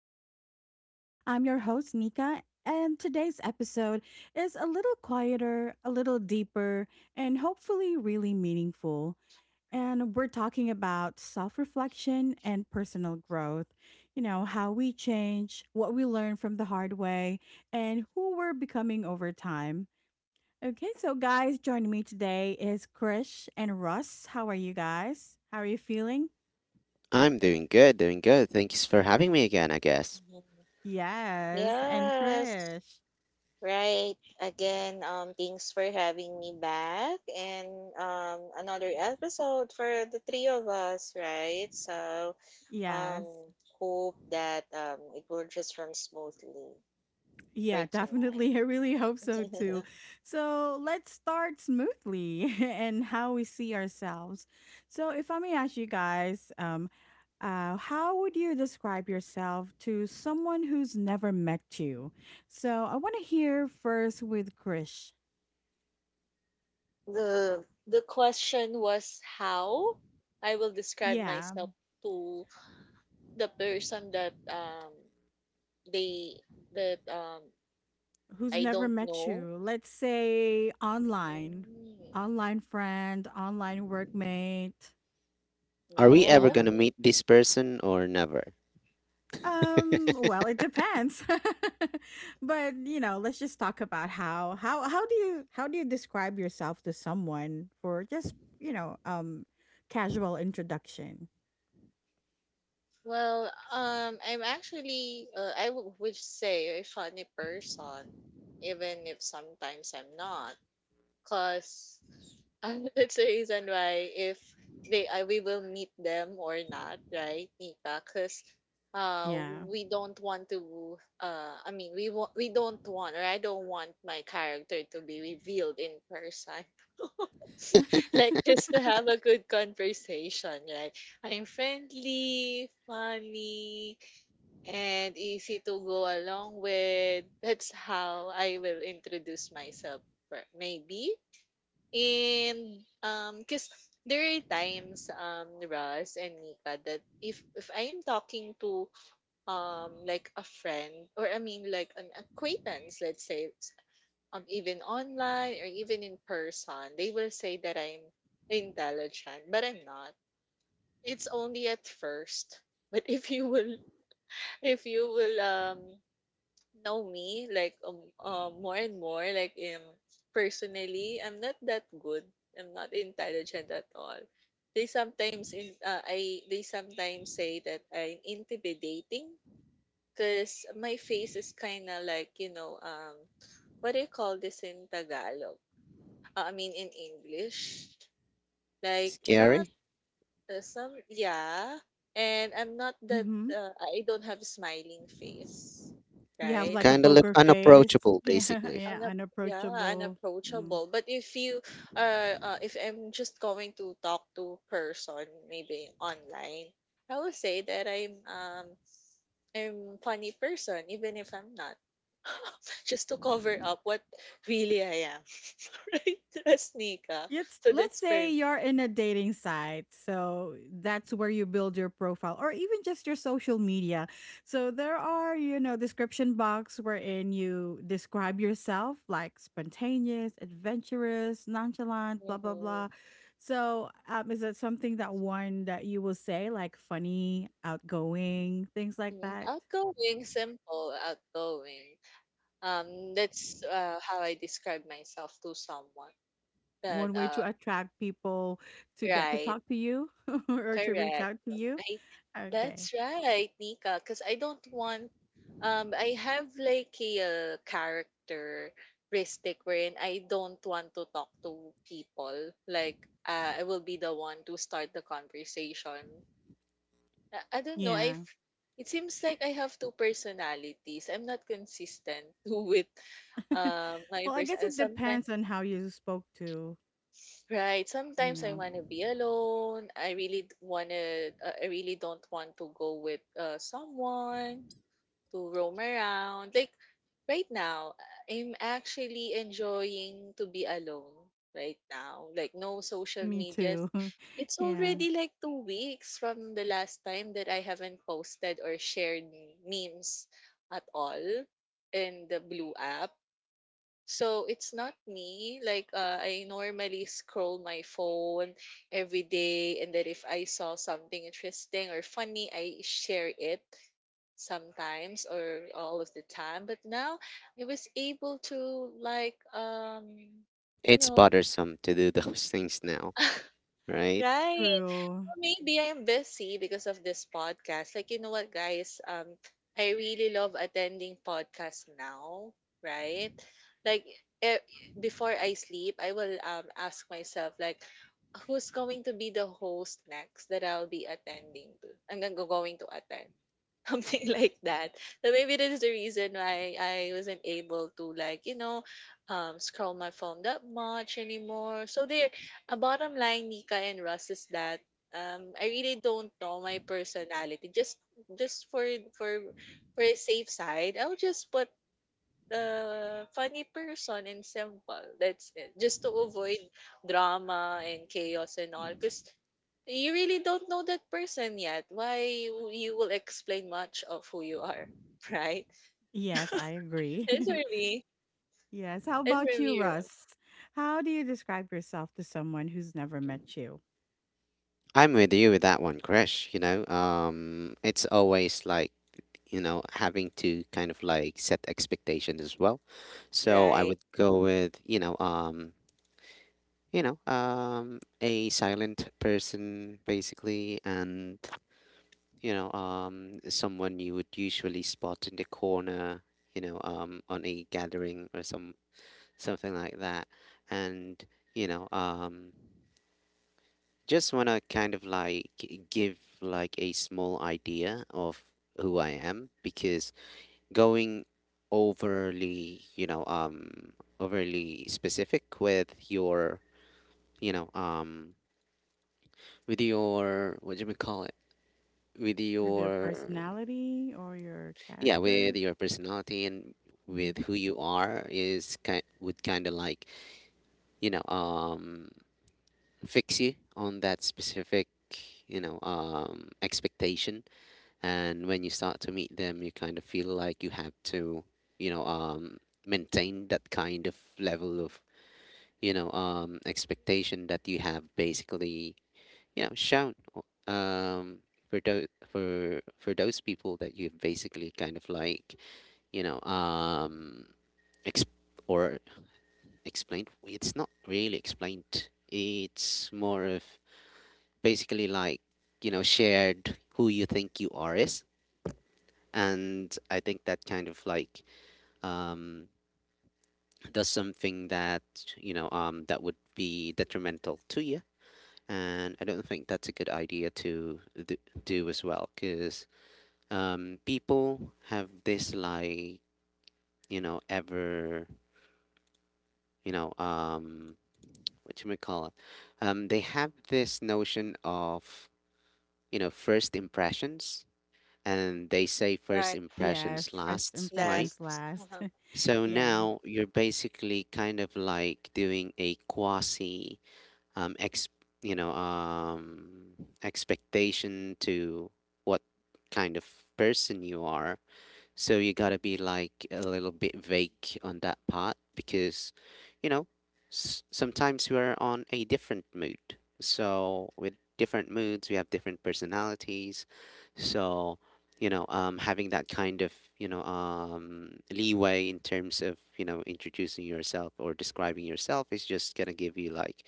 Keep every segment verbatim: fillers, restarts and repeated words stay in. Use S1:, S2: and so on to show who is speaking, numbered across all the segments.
S1: to the podcast. I'm your host, Nika, and today's episode is a little quieter, a little deeper, and hopefully really meaningful. And we're talking about self reflection and personal growth. You know, how we change, what we learn from the hard way, and who we're becoming over time. Okay, so guys, joining me today is Krish and Russ. How are you guys? How are you feeling?
S2: I'm doing good, doing good. Thank you for having me again, I guess.
S3: Mhm.
S1: Yes, and
S3: Yes,
S1: Krish.
S3: right. Again, um, thanks for having me back and um, another episode for the three of us, right? So, um,
S1: Yes.
S3: hope that um, it will just run smoothly for
S1: Yeah,
S3: tonight.
S1: definitely. I really hope so too. So let's start smoothly and how we see ourselves. So, if I may ask you guys, um, uh, how would you describe yourself to someone who's never met you? So, I want to hear first with Krish.
S3: the the question was how I will describe
S1: Yeah,
S3: myself to the person that um they that um
S1: who's
S3: I
S1: never
S3: don't
S1: met
S3: know.
S1: you? Let's say online,
S3: Mm.
S1: online friend, online workmate,
S2: Are we
S1: you
S2: ever
S3: Oh,
S2: gonna
S1: know.
S3: okay.
S2: meet this person or never?
S1: Um, well, it depends. But, you know, let's just talk about how how how do you how do you describe yourself to someone for just, you know, um casual introduction?
S3: Well, um, I'm actually, uh, I w- would say a funny person, even if sometimes I'm not, cause um, that's the reason why if they, I, we will meet them or not, right, Nika? Cause, uh,
S1: Yeah.
S3: we don't want to, uh, I mean, we want, we don't want, or I don't want my character to be revealed in person. Like just to have a good conversation, right? I'm friendly, funny, and easy to go along with. That's how I will introduce myself, per- maybe. And um, cause there are times, um, Russ and Nika, that if if I am talking to um like a friend or I mean like an acquaintance, let's say um, even online or even in person, they will say that I'm intelligent, but I'm not. It's only at first. But if you will, if you will um know me like um, um more and more like um personally, I'm not that good. I'm not intelligent at all. They sometimes in uh, I they sometimes say that I'm intimidating because my face is kind of like you know um what do you call this in Tagalog? Uh, I mean in English. Like not
S2: Scary?
S3: uh, some yeah. And I'm not that
S1: Mhm.
S3: uh, I don't have smiling face.
S1: You
S2: You
S1: have
S3: Right?
S1: like a
S2: kinda look
S1: poker face.
S2: unapproachable,
S1: Yeah,
S2: basically.
S1: yeah,
S3: Unap- yeah,
S1: unapproachable.
S3: unapproachable. But if you uh, uh if I'm just going to talk to person maybe online, I will say that I'm um I'm funny person even if I'm not. just to cover up what really I am. right? As Nika.
S1: Let's
S3: So
S1: let's
S3: that's for
S1: say
S3: me.
S1: you're in a dating site. So that's where you build your profile or even just your social media. So there are, you know, description box wherein you describe yourself like spontaneous, adventurous, nonchalant, blah blah
S3: Mhm.
S1: blah. So um is that something that one that you will say like funny, outgoing, things like
S3: Mm,
S1: that?
S3: outgoing, simple, outgoing. Um, that's uh, how I describe myself to someone. But
S1: One way
S3: uh,
S1: to attract people to get to
S3: right,
S1: talk to you or to reach
S3: correct.
S1: out to you?
S3: I
S1: Okay.
S3: That's right, Nika. Because I don't want. Um, I have like a uh, characteristic wherein I don't want to talk to people. Like, uh, I will be the one to start the conversation. I I don't know. I
S1: Yeah.
S3: f- it seems like I have two personalities. I'm not consistent with um my
S1: Well, I
S3: person.
S1: guess
S3: And
S1: it
S3: sometimes,
S1: depends on how you spoke to,
S3: right?
S1: you
S3: Sometimes I
S1: know.
S3: wanna be alone. I really d- wanna. Uh, I really don't want to go with uh someone to roam around. Like right now, I'm actually enjoying to be alone right now. Like no social
S1: Me
S3: medias.
S1: too.
S3: It's
S1: Yeah,
S3: already like two weeks from the last time that I haven't posted or shared memes at all in the blue app. So it's not me. Like uh, I normally scroll my phone every day, and then if I saw something interesting or funny, I share it sometimes or all of the time. But now I was able to like um you
S2: It's
S3: know
S2: bothersome to do those things now, right?
S3: right,
S1: true.
S3: maybe I'm busy because of this podcast. Like, you know what, guys? Um, I really love attending podcasts now, right? Like, eh, before I sleep, I will um ask myself like, who's going to be the host next that I'll be attending to? I'm gonna go- going to attend something like that. So maybe that is the reason why I wasn't able to like you know, um, scroll my phone that much anymore. So there, a bottom line, Nika and Russ, is that um, I really don't know my personality. Just just for for for a safe side, I'll just put uh, funny person and simple. That's it. Just to avoid drama and chaos and all, because you really don't know that person yet. Why you, you will explain much of who you are, right?
S1: Yes, I agree.
S3: That's for me.
S1: Yes, how
S3: That's
S1: about
S3: for
S1: you,
S3: me.
S1: Russ? How do you describe yourself to someone who's never met you?
S2: I'm with you with that one, Crash, you know? Um, it's always like, you know, having to kind of like set expectations as well. So I
S3: Right.
S2: would go with, you know, um, you know, um, a silent person basically, and you know, um, someone you would usually spot in the corner, you know, um, on a gathering or some something like that, and you know, um, just want to kind of like give like a small idea of who I am because going overly, you know, um, overly specific with your, you know, um, with your what do we call it? With
S1: With your
S2: your
S1: personality or your
S2: yeah
S1: character?
S2: with your personality and
S1: Mhm.
S2: with who you are is kind would kind of like you know um fix you on that specific you know um expectation. And when you start to meet them you kind of feel like you have to you know um maintain that kind of level of you know um expectation that you have basically you know shown o- um for those for for those people that you've basically kind of like you know um Ex- or explained? It's not really explained. It's more of basically like, you know, shared who you think you are is. And I think that kind of like um, does something that, you know, um, that would be detrimental to you. And I don't think that's a good idea to do, do as well because um, people have this like, you know, ever, you know, um, what you may call it, um, they have this notion of you know first impressions, and they say first
S3: Right.
S1: Yes,
S2: impressions
S1: first
S2: lasts, right?
S1: impressions
S3: Last.
S1: last.
S3: Uh-huh.
S2: So
S1: Yeah,
S2: now you're basically kind of like doing a quasi um, ex you know um, expectation to what kind of person you are. So you gotta be like a little bit vague on that part because, you know, s- sometimes we are on a different mood. So with different moods, we have different personalities. So, you know, um, having that kind of, you know, um, leeway in terms of, you know, introducing yourself or describing yourself is just gonna give you like,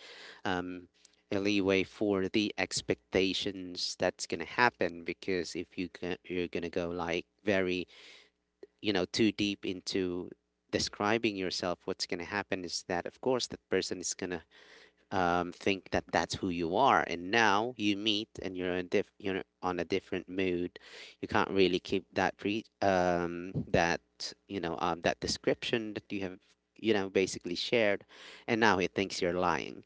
S2: um, a leeway for the expectations that's gonna happen. Because if you ca- you're gonna go like very you know too deep into describing yourself, what's going to happen is that of course that person is going to um, think that that's who you are, and now you meet and you're in diff- you're on a different mood. You can't really keep that pre- um, that you know um, that description that you have you know basically shared, and now he thinks you're lying.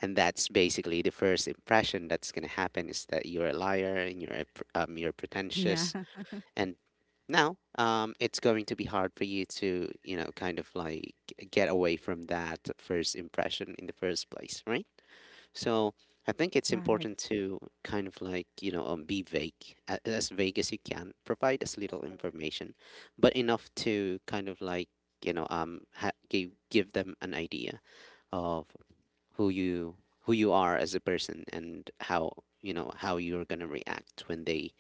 S2: And that's basically the first impression that's going to happen, is that you're a liar and you're a, um, you're
S1: yeah,
S2: pretentious. And now, um, it's going to be hard for you to, you know, kind of like get away from that first impression in the first place, right? So I think it's
S1: right.
S2: important to kind of like, you know, um, be vague, a- as vague as you can, provide as little
S3: Mhm.
S2: information, but enough to kind of like, you know, um, ha- give give them an idea of who you who you are as a person, and how you know how you're gonna react when they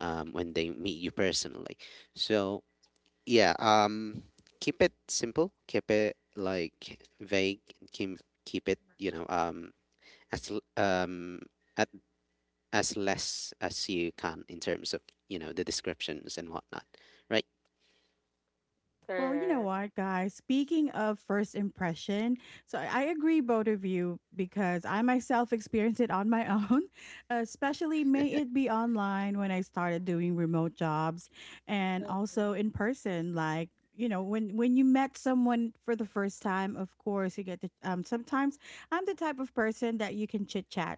S2: um, when they meet you personally. So yeah, um, keep it simple, keep it like vague, keep keep it you know um, as l- um, at, as less as you can in terms of you know the descriptions and whatnot, right?
S1: Well, you know
S3: Correct.
S1: what, guys? Speaking of first impression, so I I agree both of you because I myself experienced it on my own, especially may it be online when I started doing remote jobs and
S3: Mhm.
S1: also in person like you know when when you met someone for the first time, of course you get to, um sometimes. I'm the type of person that you can chit chat,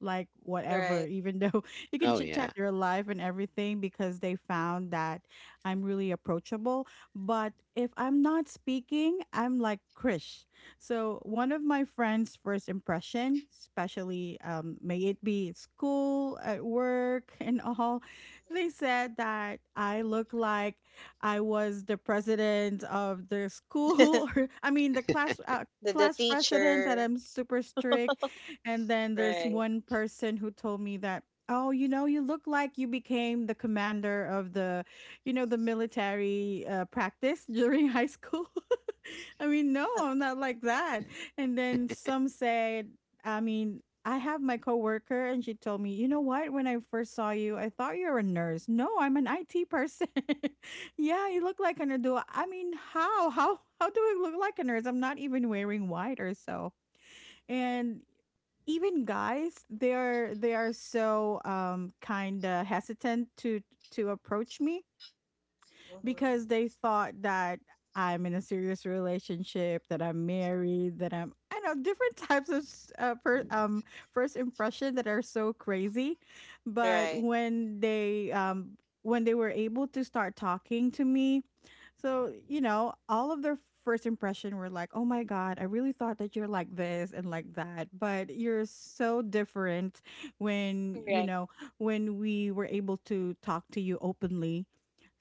S1: like, whatever,
S3: Right.
S1: even though you can
S2: Oh
S1: chit chat
S2: yeah,
S1: your life and everything, because they found that I'm really approachable. But if I'm not speaking, I'm like Krish. So one of my friends' first impression, especially, um, may it be at school, at work, and all, they said that I look like I was the president of the school, or I mean the class. Uh,
S3: the the
S1: class president, that
S3: teacher.
S1: I'm super strict. And then there's
S3: Right.
S1: one person who told me that, oh, you know, you look like you became the commander of the you know, the military, uh, practice during high school. I mean, no, I'm not like that. And then some said, I mean, I have my coworker and she told me, you know what? When I first saw you, I thought you were a nurse. No, I'm an I T person. Yeah, you look like a nerd. I mean, how? How how do I look like a nurse? I'm not even wearing white or so. And even guys, they are they are so, um kinda hesitant to to approach me,
S3: Mm-hmm.
S1: because they thought that I'm in a serious relationship, that I'm married, that I'm I know different types of s- uh, per, um first impression that are so crazy. But
S3: Right.
S1: when they, um when they were able to start talking to me, so, you know, all of their first impression were like, "Oh my god, I really thought that you're like this and like that, but you're so different when, you
S3: Correct.
S1: know, when we were able to talk to you openly."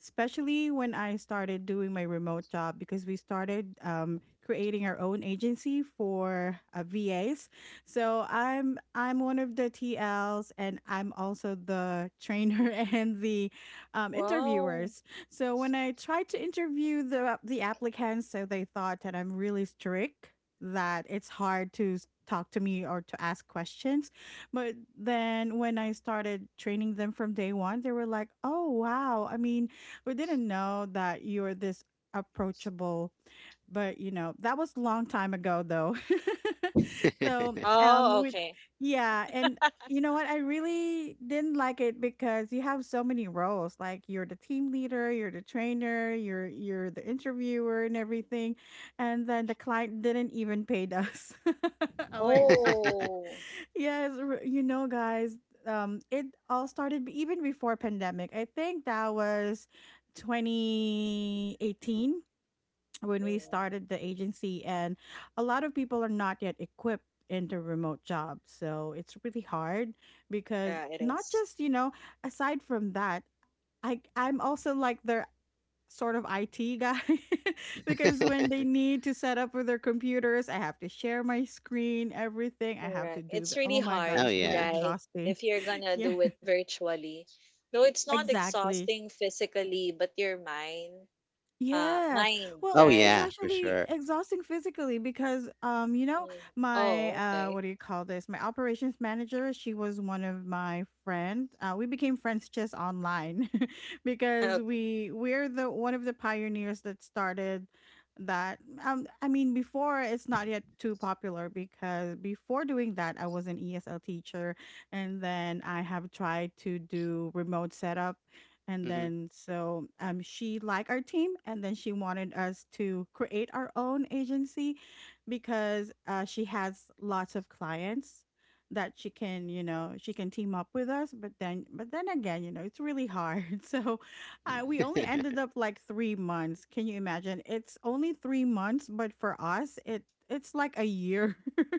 S1: Especially when I started doing my remote job, because we started, um, creating our own agency for, uh, V As. So I'm I'm one of the T Ls, and I'm also the trainer and the, um,
S3: Wow.
S1: interviewers. So when I tried to interview the the applicants, so they thought that I'm really strict, that it's hard to s- talk to me or to ask questions. But then when I started training them from day one, they were like, "Oh wow! I mean, we didn't know that you're this approachable," but, you know, that was a long time ago though. So, um
S3: Oh,
S1: with
S3: okay.
S1: yeah, and you know what? I really didn't like it, because you have so many roles. Like, you're the team leader, you're the trainer, you're you're the interviewer and everything. And then the client didn't even paid us. Oh my god.
S3: Oh,
S1: Yes, r- you know guys, um it all started, b- even before pandemic. I think that was twenty eighteen when we
S3: mm,
S1: started the agency, and a lot of people are not yet equipped into remote jobs, so it's really hard, because
S3: yeah, it
S1: not
S3: is.
S1: just, you know aside from that, i i'm also like their sort of I T guy because when they need to set up with their computers, I have to share my screen, everything I have to
S3: Correct.
S1: do
S3: It's
S1: the oh
S3: really
S1: my god,
S3: hard,
S2: oh
S1: it's really
S2: yeah,
S3: right?
S1: exhausting.
S3: If you're gonna
S1: Yeah,
S3: do it virtually. Though it's not
S1: exactly.
S3: exhausting physically, but your mind, uh,
S1: Yes.
S3: mind,
S1: Well,
S2: oh
S1: it's
S3: right?
S2: yeah, for
S1: actually
S2: sure.
S1: exhausting physically because, um you know
S3: Mm.
S1: my,
S3: Oh,
S1: uh what
S3: okay.
S1: do you call this? My operations manager, she was one of my friend. Uh we became friends just online, because we we're the one of the pioneers that started that, um I mean, before it's not yet too popular, because before doing that I was an E S L teacher, and then I have tried to do remote setup, and
S2: hmm
S1: then so, um, she liked our team, and then she wanted us to create our own agency because, uh, she has lots of clients that she can you know she can team up with us, but then but then again, you know it's really hard. So, uh, we only ended up like three months. Can you imagine, it's only three months, but for us it it's like a year,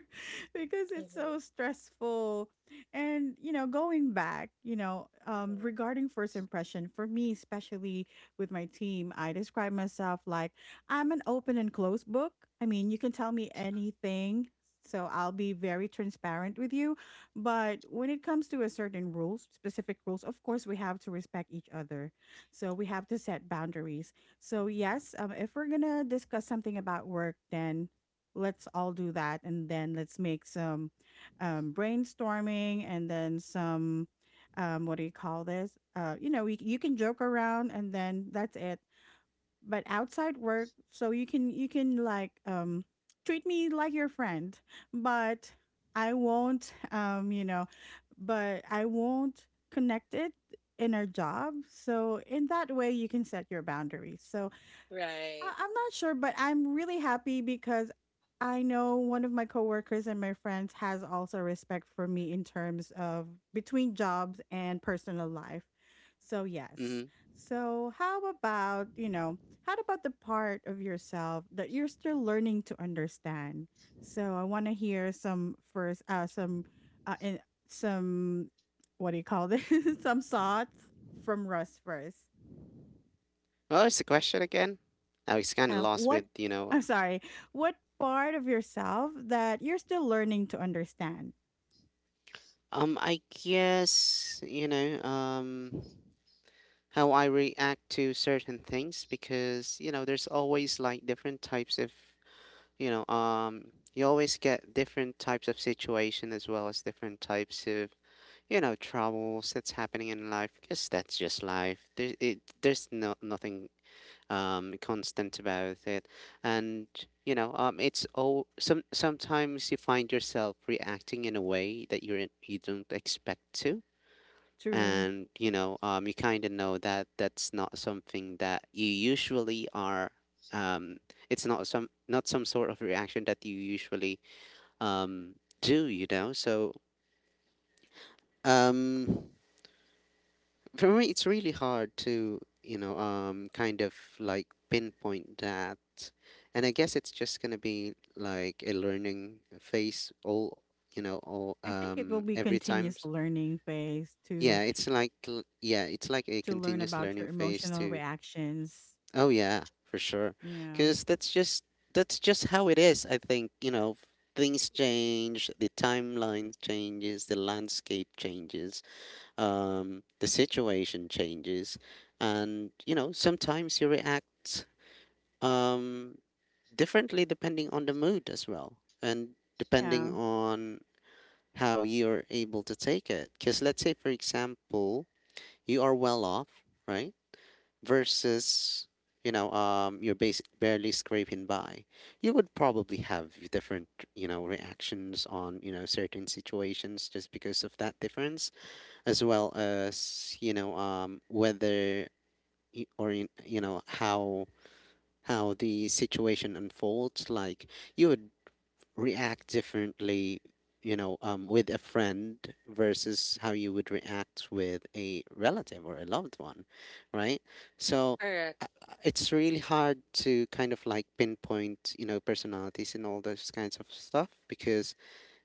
S1: because
S3: Okay.
S1: it's
S3: Mm-hmm.
S1: so stressful. And you know, going back, you know, um,
S3: Mm-hmm.
S1: regarding first impression, for me, especially with my team, I describe myself like I'm an open and closed book. I mean, you can tell me anything, so I'll be very transparent with you. But when it comes to a certain rules, specific rules, of course, we have to respect each other. So we have to set boundaries. So yes, um, if we're gonna discuss something about work, then let's all do that, and then let's make some, um, brainstorming, and then some, um, what do you call this? Uh, you know, we, You can joke around, and then that's it. But outside work, so you can you can like, um, treat me like your friend, but I won't um, you know, but I won't connect it in our job. So in that way, you can set your boundaries. So,
S3: Right.
S1: I- I'm not sure, but I'm really happy because I know one of my coworkers and my friends has also respect for me in terms of between jobs and personal life. So, yes.
S2: hmm
S1: So, how about, you know, how about the part of yourself that you're still learning to understand? So, I want to hear some first, uh, some, uh, in, some, what do you call this? Some thoughts from Russ first.
S2: What was the question again? I was kind of
S1: Uh,
S2: lost
S1: what
S2: with you know.
S1: I'm sorry, what part of yourself that you're still learning to understand?
S2: Um, I guess you know. Um, how I react to certain things. Because you know there's always like different types of you know um you always get different types of situation, as well as different types of you know troubles that's happening in life. Because that's just life, there it there's no nothing um constant about it. And you know um it's all some sometimes you find yourself reacting in a way that you're you don't expect to.
S1: True.
S2: And you know um, you kind of know that that's not something that you usually are, um, it's not some not some sort of reaction that you usually um, do, you know. So um, for me it's really hard to you know um, kind of like pinpoint that. And I guess it's just going to be like a learning phase all you know all
S1: I think it will
S2: um,
S1: be
S2: every time.
S1: continuous learning phase to
S2: Yeah it's like l- yeah, it's like a
S1: to learn
S2: continuous
S1: about your
S2: learning phase.
S1: emotional
S2: To
S1: reactions.
S2: Oh yeah, for sure.
S1: Yeah.
S2: Cuz that's just that's just how it is. I think, you know, things change, the timeline changes, the landscape changes, um the situation changes, and you know, sometimes you react um differently depending on the mood as well, and depending
S1: Yeah.
S2: on how you're able to take it. Cuz let's say for example, you are well off, right? Versus you know um you're basic barely scraping by, you would probably have different you know reactions on you know certain situations just because of that difference. As well as you know um whether y- or you you know how how the situation unfolds. Like you would react differently, you know, um, with a friend versus how you would react with a relative or a loved one, right? So
S3: Correct.
S2: uh, uh, it's really hard to kind of like pinpoint, you know, personalities and all those kinds of stuff, because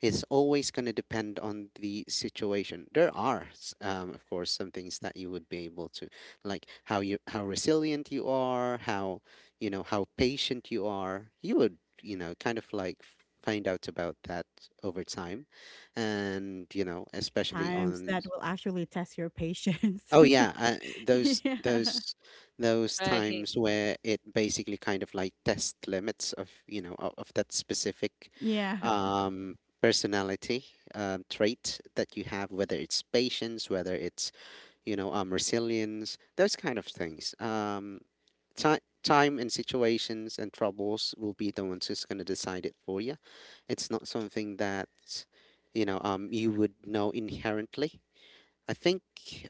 S2: it's always going to depend on the situation. There are, s- um, of course, some things that you would be able to, like how you how resilient you are, how you know how patient you are. You would you know kind of like find out about that over time, and you know, especially
S1: Times
S2: on
S1: that will actually test your patience.
S2: oh yeah uh, those
S1: Yeah.
S2: those those
S3: Right. Mhm.
S2: times where it basically kind of like test limits of you know of, of that specific
S1: Yeah.
S2: um personality um, trait that you have, whether it's patience, whether it's you know um resilience, those kind of things. Um ti- time and situations and troubles will be the ones who's going to decide it for you. It's not something that, you know, um, you would know inherently. I think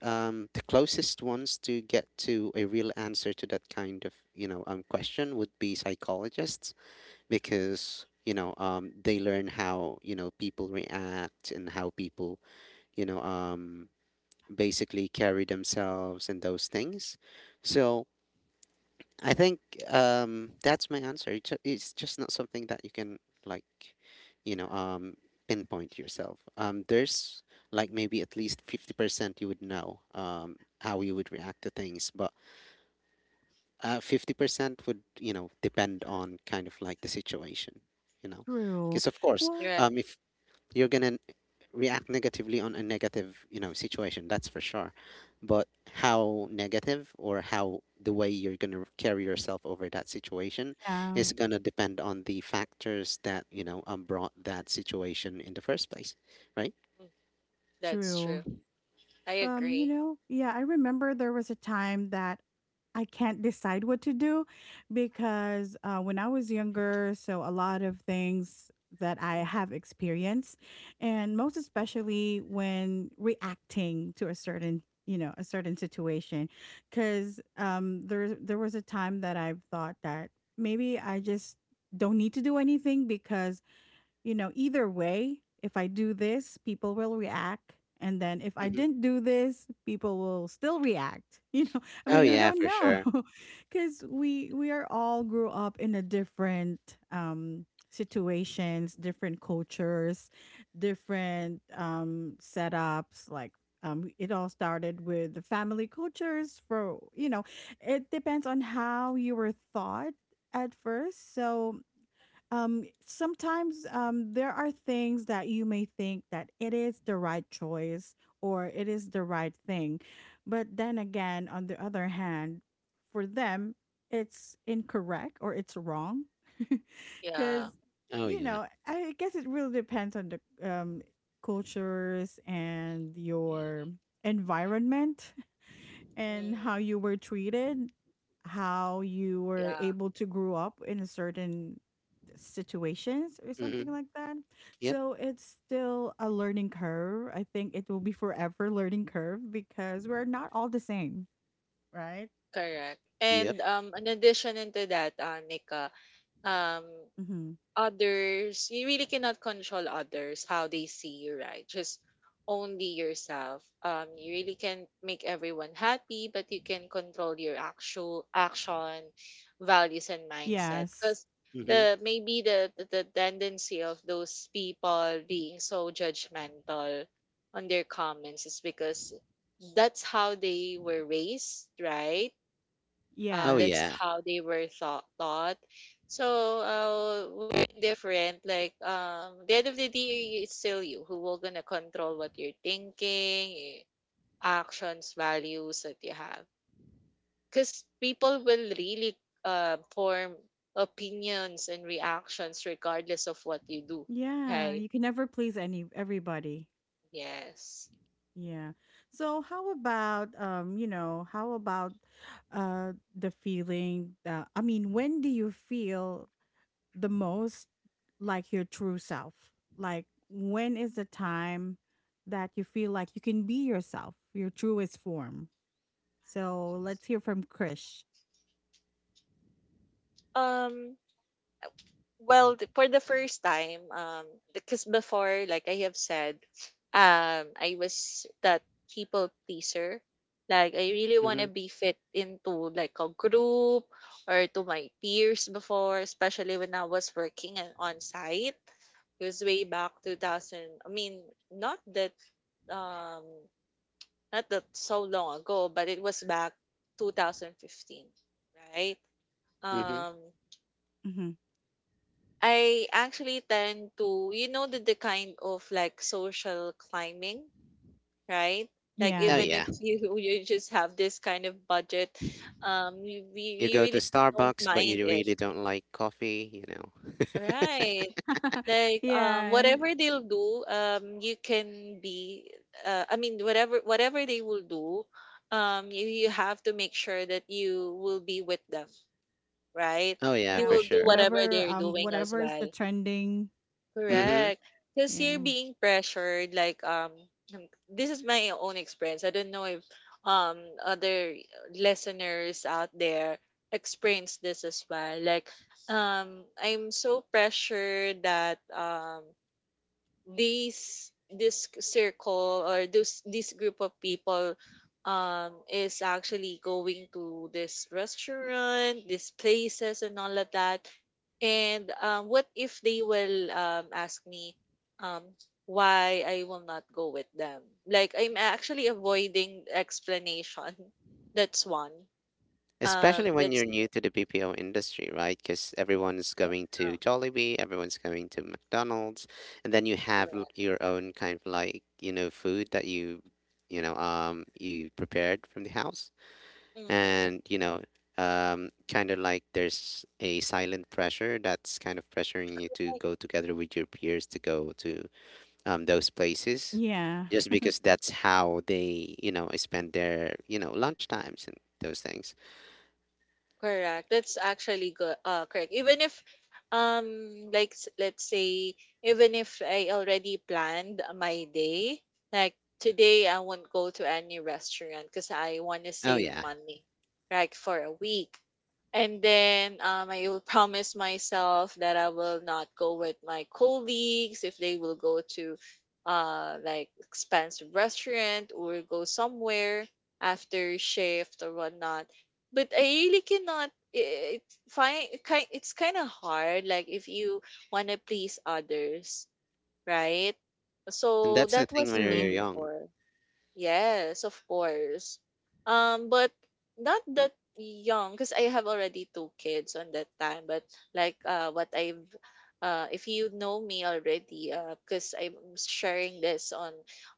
S2: um, the closest ones to get to a real answer to that kind of, you know, um, question would be psychologists. Because, you know, um, they learn how, you know, people react and how people, you know, um, basically carry themselves and those things. So I think um, that's my answer. It's ju- it's just not something that you can like, you know, um, pinpoint yourself. Um, there's like maybe at least fifty percent you would know um, how you would react to things. But uh, fifty percent would you know depend on kind of like the situation, you know.
S1: True.
S2: Because of course,
S1: Well,
S3: Right.
S2: um, if you're gonna react negatively on a negative, you know, situation, that's for sure. But how negative or how the way you're going to carry yourself over that situation
S1: yeah,
S2: is going to depend on the factors that you know um, brought that situation in the first place, right?
S3: Mhm. That's true.
S1: true.
S3: I
S1: Um, you
S3: agree.
S1: know, yeah, I remember there was a time that I can't decide what to do, because, uh, when I was younger, so a lot of things that I have
S3: Mm-hmm.
S1: experienced, and most especially when reacting to a certain, you know a certain situation, because, um, there there was a time that I've thought that maybe I just don't need to do anything because, you know, either way, if I do this, people will react. And then if I
S2: hmm
S1: didn't do this, people will still react. You know, I
S2: oh
S1: mean, you
S3: Correct.
S2: yeah
S1: don't
S2: for sure
S1: know, because we we are all grew up in a different, um, situations, different cultures, different, um, setups. Like, um, it all started with the family cultures. For, you know, it depends on how you were thought at first. So, um, sometimes, um, there are things that you may think that it is the right choice or it is the right thing. But then again, on the other hand, for them, it's incorrect or it's wrong. Because,
S3: Yeah.
S2: oh
S1: you
S2: yeah
S1: know, I guess it really depends on the, um, cultures and your
S3: Mm,
S1: environment, and how
S3: mm.
S1: you were treated, how you were
S3: Yeah,
S1: able to grow up in a certain situations or something
S2: hmm
S1: like that.
S2: yep
S1: So it's still a learning curve. I think it will be forever learning curve because we're not all the same, right?
S3: correct.
S2: yep
S3: And um, in addition into that, uh, Nika, um,
S1: Mm-hmm.
S3: others, you really cannot control others how they see you, right? Just only yourself. Um you really can make everyone happy, but you can control your actual action, values and mindset,
S1: Yes.
S3: because
S2: hmm
S3: the maybe the, the the tendency of those people being so judgmental on their comments is because that's how they were raised, right? Uh,
S2: oh
S3: that's
S2: yeah
S1: Yes.
S3: how they were thought taught. So uh, we're different. Like um the end of the day, it's still you who will gonna control what you're thinking, eh, actions, values that you have, because people will really uh, form opinions and reactions regardless of what you do,
S1: Yeah,
S3: right?
S1: you can never please any everybody.
S3: Yes.
S1: Yeah. So how about um, you know, how about uh the feeling that I mean, when do you feel the most like your true self? Like, when is the time that you feel like you can be yourself, your truest form? So let's hear from Krish.
S3: um Well, th- for the first time, um, because before, like I have said, um, I was that people pleaser. Like I really want to
S2: hmm
S3: be fit into like a group or to my peers before, especially when I was working and on site. It was way back two thousand. I mean, not that um not that so long ago, but it was back two thousand fifteen, right?
S2: hmm
S3: Um
S1: Hmm.
S3: I actually tend to, you know, the, the kind of like social climbing, right? Like
S2: Oh
S1: Yeah.
S3: even
S2: yeah.
S3: if you you just have this kind of budget, um, you, we
S2: You
S3: you
S2: go to
S3: really don't
S2: Starbucks but
S3: mind
S2: you
S3: it,
S2: really don't like coffee, you know.
S3: right? Like um,
S1: yeah.
S3: whatever they'll do, um, you can be, uh, I mean, whatever whatever they will do, um, you you have to make sure that you will be with them, right?
S2: Oh yeah,
S3: You
S2: for
S1: Yeah.
S3: will do
S2: sure.
S3: whatever
S1: Whatever,
S3: they're
S1: um,
S3: doing as
S1: whatever is the
S3: well.
S1: trending.
S2: hmm
S3: Correct. Because you're
S1: Yeah.
S3: being pressured, like um, um, this is my own experience. I don't know if um other listeners out there experience this as well. Like um, I'm so pressured that um these this circle or this this group of people um is actually going to this restaurant, these places and all of that, and um what if they will um ask me um why I will not go with them? Like I'm actually avoiding explanation. That's one. Um
S2: Especially when you're
S3: that's
S2: new to the B P O industry, right? Because everyone's
S3: Yeah,
S2: going to Jollibee, everyone's going to McDonald's, and then you have l-
S3: correct.
S2: your own kind of like, you know, food that you, you know, um, you prepared from the house.
S3: Mhm.
S2: And, you know, um, kind of like there's a silent pressure that's kind of pressuring you to go together with your peers to go to um, those places,
S1: Yeah.
S2: just because that's how they, you know, spend their, you know, lunch times and those things.
S3: Correct. That's actually good. Uh, correct. Even if, um, like s- let's say, even if I already planned my day, like today I won't go to any restaurant because I want to
S2: Oh,
S3: save
S2: yeah.
S3: money, like for a week. And then um, I will promise myself that I will not go with my colleagues if they will go to, uh, like expensive restaurant or go somewhere after shift or whatnot, but I really cannot. It find Kind. It's kind of hard. Like if you want to please others, right?
S2: And
S3: So
S2: that's the
S3: that
S2: thing
S3: was
S2: when you're
S3: me
S1: True.
S2: young.
S3: before. Yes, of course. Um, but not that young because I have already two kids on that time. But like uh, what I've uh, if you know me already, uh, because I'm sharing this on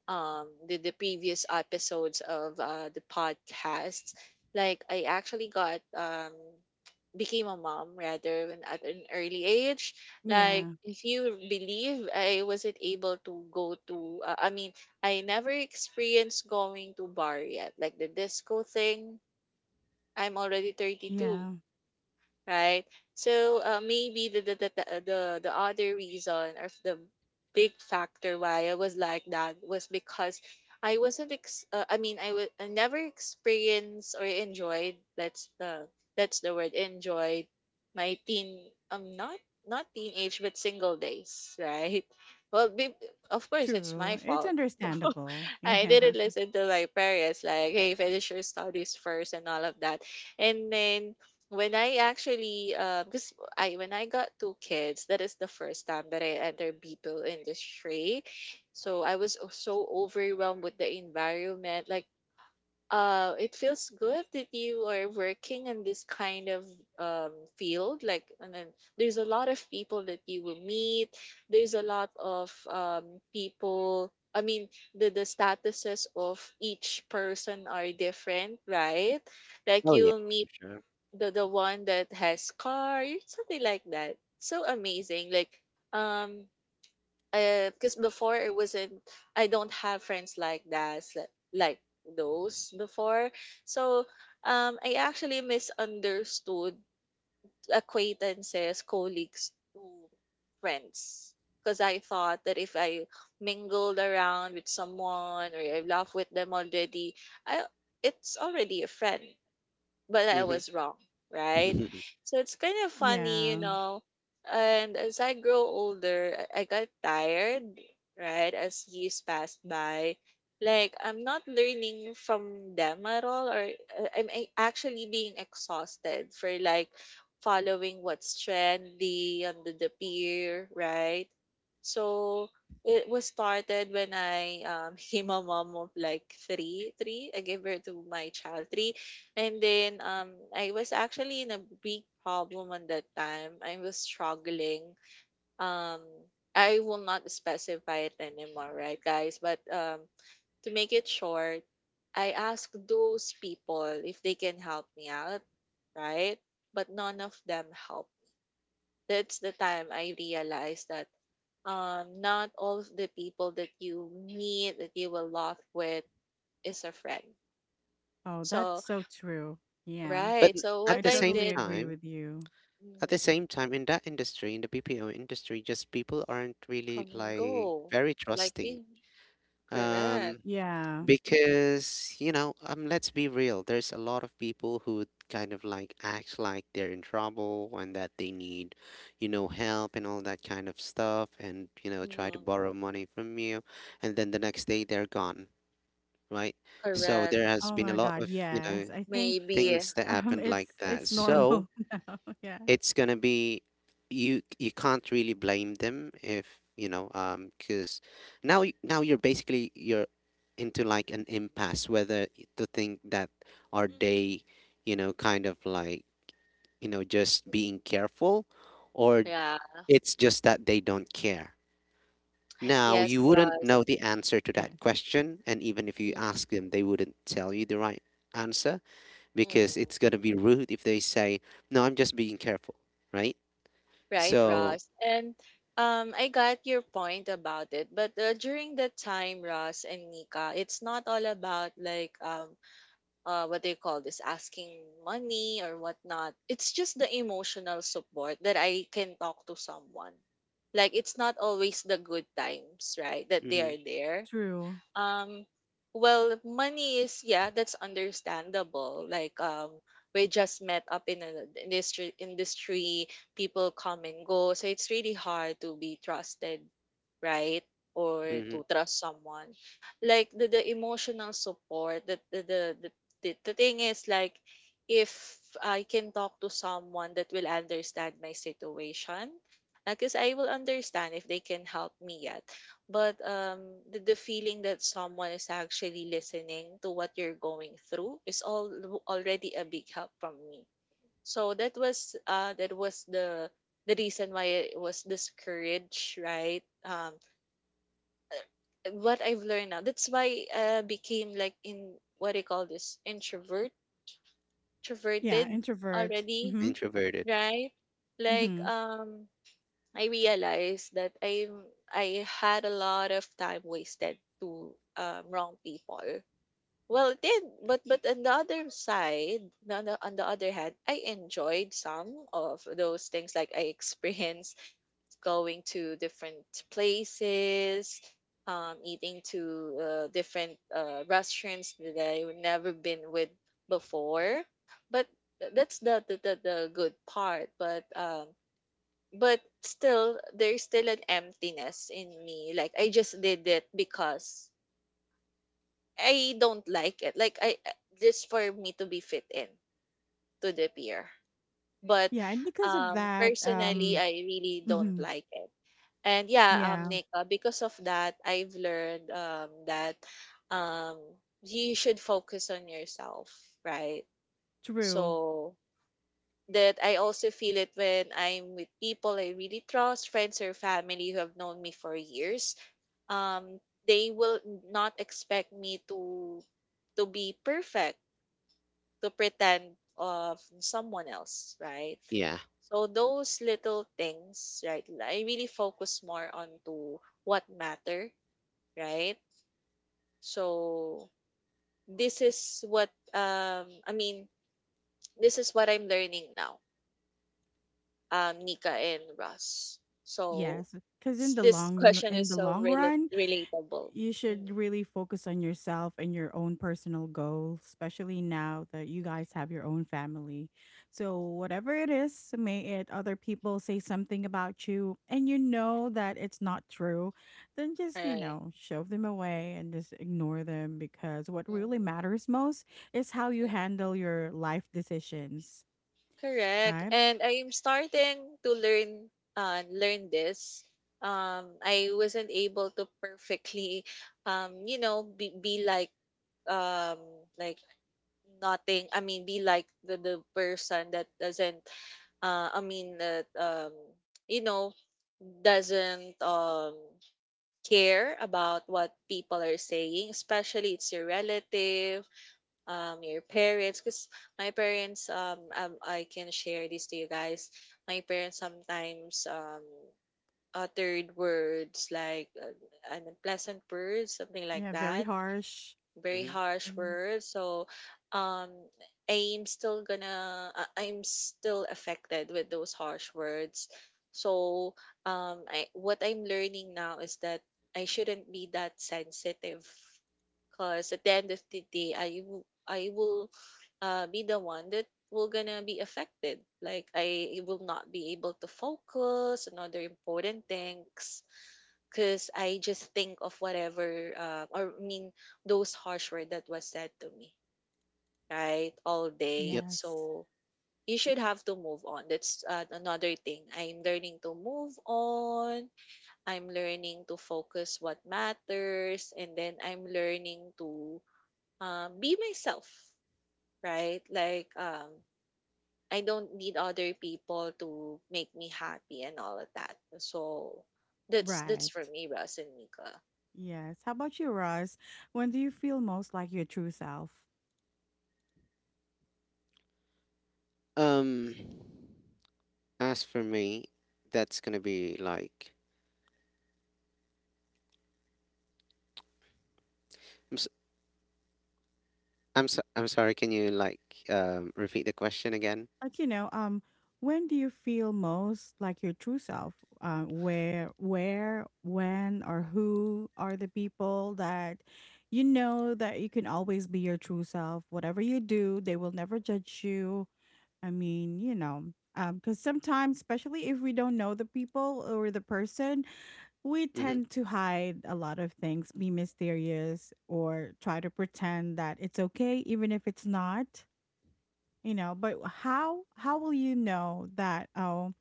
S3: um the, the previous episodes of uh the podcast. Like I actually got um became a mom rather when at an early age. Like
S1: Yeah.
S3: if you believe, I wasn't able to go to. Uh, I mean I never experienced going to bar yet, like the disco thing. I'm already thirty-two,
S1: Yeah.
S3: right? So uh, maybe the the, the the uh, the the other reason or the big factor why I was like that was because I wasn't ex- uh, I mean I was I never experienced or enjoyed, that's the that's the word, enjoyed my teen, um not not teenage but single days, right? well be- of course it's my
S1: True. It's
S3: fault.
S1: understandable.
S3: I
S1: Yeah.
S3: didn't listen to my parents, like hey, finish your studies first and all of that. And then when I actually, uh, because I when I got two kids, that is the first time that I entered people industry. So I was o- so overwhelmed with the environment. Like, uh, it feels good that you are working in this kind of um field. Like, and then there's a lot of people that you will meet. There's a lot of um people. I mean, the the statuses of each person are different, right? Like
S2: Oh yeah,
S3: you'll
S2: for
S3: meet
S2: sure.
S3: the the one that has car, something like that, so amazing. Like um because before it wasn't, I don't have friends like that, s- like those before. So um I actually misunderstood acquaintances, colleagues, to friends, because I thought that if I mingled around with someone or I laugh with them already, I it's already a friend. But I
S2: hmm
S3: was wrong, right? So it's kind of funny, you
S1: Yeah.
S3: know. And as I grow older, I I got tired, right? As years passed by, like I'm not learning from them at all, or uh, I'm a- actually being exhausted for like following what's trendy under the peer, right? So it was started when I um, became a mom of like three, three. I gave birth to my child three, and then um I was actually in a big problem on that time. I was struggling. Um I will not specify it anymore, right, guys? But um to make it short, I asked those people if they can help me out, right? But none of them helped. That's the time I realized that um not all of the people that you meet that you will laugh with is a friend.
S1: Oh, that's
S3: So,
S1: so true. Yeah.
S2: But
S3: right. So
S1: I
S3: what
S2: at the
S3: I
S2: same
S1: totally
S3: did.
S1: agree
S2: time,
S1: with you.
S2: at the
S3: Mhm.
S2: same time, in that industry, in the B P O industry, just people aren't really
S3: Come and
S2: like
S3: go,
S2: very
S3: like
S2: trusting.
S3: me. Correct.
S2: Um,
S1: Yeah.
S2: because you know, um, let's be real. There's a lot of people who kind of like act like they're in trouble and that they need, you know, help and all that kind of stuff, and you know, try to
S3: Mm,
S2: borrow money from you, and then the next day they're gone. Right? So
S3: correct.
S2: there has
S1: Oh
S2: been a
S1: my
S2: lot
S1: god,
S2: of, you know,
S1: yes. I think
S3: Maybe.
S2: things that
S1: um
S2: happened
S1: it's
S2: like that.
S1: it's
S2: So
S1: normal now. Yeah.
S2: it's gonna be you you can't really blame them if, you know, um because now y- now you're basically you're into like an impasse whether to think that are
S3: Hmm.
S2: they, you know, kind of like, you know, just being careful or
S3: Yeah.
S2: it's just that they don't care. Now,
S3: Yes,
S2: you wouldn't
S3: Ross.
S2: know the answer to
S1: Yeah.
S2: that question, and even if you
S3: Mm,
S2: ask them, they wouldn't tell you the right answer because it's
S3: mm.
S2: gonna be rude if they say, "No, I'm just being careful," right?
S3: Right,
S2: So,
S3: Ross. And um, I got your point about it. But uh, during that time, Ross and Nika, it's not all about like um uh what do you call this, asking money or whatnot. It's just the emotional support that I can talk to someone, like, it's not always the good times, right, that they
S2: mm-hmm,
S3: are there.
S1: True.
S3: um, well, money is, yeah, that's understandable. Like um, we just met up in an industry industry, people come and go, so it's really hard to be trusted, right? Or
S2: mm-hmm,
S3: to trust someone. Like the, the emotional support, that the the, the the the thing is, like, if I can talk to someone that will understand my situation, because I will understand if they can help me. Yeah, but um the, the feeling that someone is actually listening to what you're going through is all already a big help from me. So that was uh that was the the reason why it was this courage, right. Um what I've learned now, that's why I became, like, in what do you call this, introvert
S1: Yeah,
S3: introverted
S1: introvert.
S3: already,
S1: Mhm.
S2: introverted.
S3: right, like
S1: Mhm.
S3: um I realized that I I had a lot of time wasted to um, wrong people. Well, it did, but but on the other side, on the, on the other hand, I enjoyed some of those things. Like I experienced going to different places, um, eating to uh, different uh, restaurants that I've never been with before. But th- that's the the, the, the good part. But um, but still there's still an emptiness in me, like I just did it because I don't like it, like I, just for me to be fit in to the peer, but
S1: Yeah, and because of
S3: um
S1: that
S3: personally
S1: um
S3: I really don't
S1: mhm.
S3: like it. And yeah, um
S1: Yeah,
S3: nick, uh, because of that I've learned um that um you should focus on yourself, right,
S1: true.
S3: so that I also feel it when I'm with people I really trust, friends or family who have known me for years. um they will not expect me to to be perfect, to pretend of someone else, right?
S2: Yeah.
S3: So those little things, right, I really focus more on to what matter, right? So this is what um i mean this is what I'm learning now, um Nika and Russ, so
S1: Yes, cuz in
S3: s-
S1: the
S3: this
S1: long
S3: question
S1: in
S3: is
S1: the
S3: so
S1: long
S3: rela-
S1: run,
S3: relatable.
S1: you
S3: Mhm.
S1: should really focus on yourself and your own personal goals, especially now that you guys have your own family. So, whatever it is, may it other people say something about you and you know that it's not true, then
S3: All
S1: just, you
S3: right.
S1: know, shove them away and just ignore them because what really matters most is how you
S3: Mhm.
S1: handle your life decisions,
S3: Correct.
S1: right?
S3: And I am starting to learn uh learn this. Um I wasn't able to perfectly, um you know be, be like um like nothing, I mean, be like the, the person that doesn't, uh I mean that, um you know doesn't, um care about what people are saying, especially it's your relative, um your parents. Because my parents, um, um I can share this to you guys. My parents sometimes um uttered words, like, uh, unpleasant words, something like
S1: Yeah, very
S3: that,
S1: harsh.
S3: very
S2: Mm-hmm.
S3: harsh
S1: Mhm.
S3: words. So um I'm still gonna I- I'm still affected with those harsh words. So um I what I'm learning now is that I shouldn't be that sensitive, because at the end of the day I will I will, uh, be the one that will gonna be affected. Like I will not be able to focus on other important things, because I just think of whatever, uh, or I mean, those harsh word that was said to me, right, all
S2: Yep.
S3: day.
S1: Yes,
S3: So you should have to move on. That's, uh, another thing. I'm learning to move on. I'm learning to focus what matters, and then I'm learning to, uh, be myself, right? Like um I don't need other people to make me happy and all of that. So that's that's
S1: right.
S3: for me, Russ and Mika.
S1: Yes. How about you, Roz? When do you feel most like your true self?
S2: Um, as for me, that's gonna be like, I'm s I'm so, I'm sorry. Can you like um repeat the question again?
S1: Like, you know, um, when do you feel most like your true self? Uh, where, where, when, or who are the people that you know that you can always be your true self? Whatever you do, they will never judge you. I mean, you know, um, because sometimes, especially if we don't know the people or the person, we
S2: Mm-hmm.
S1: tend to hide a lot of things, be mysterious, or try to pretend that it's okay, even if it's not. You know, but how how will you know that? Oh,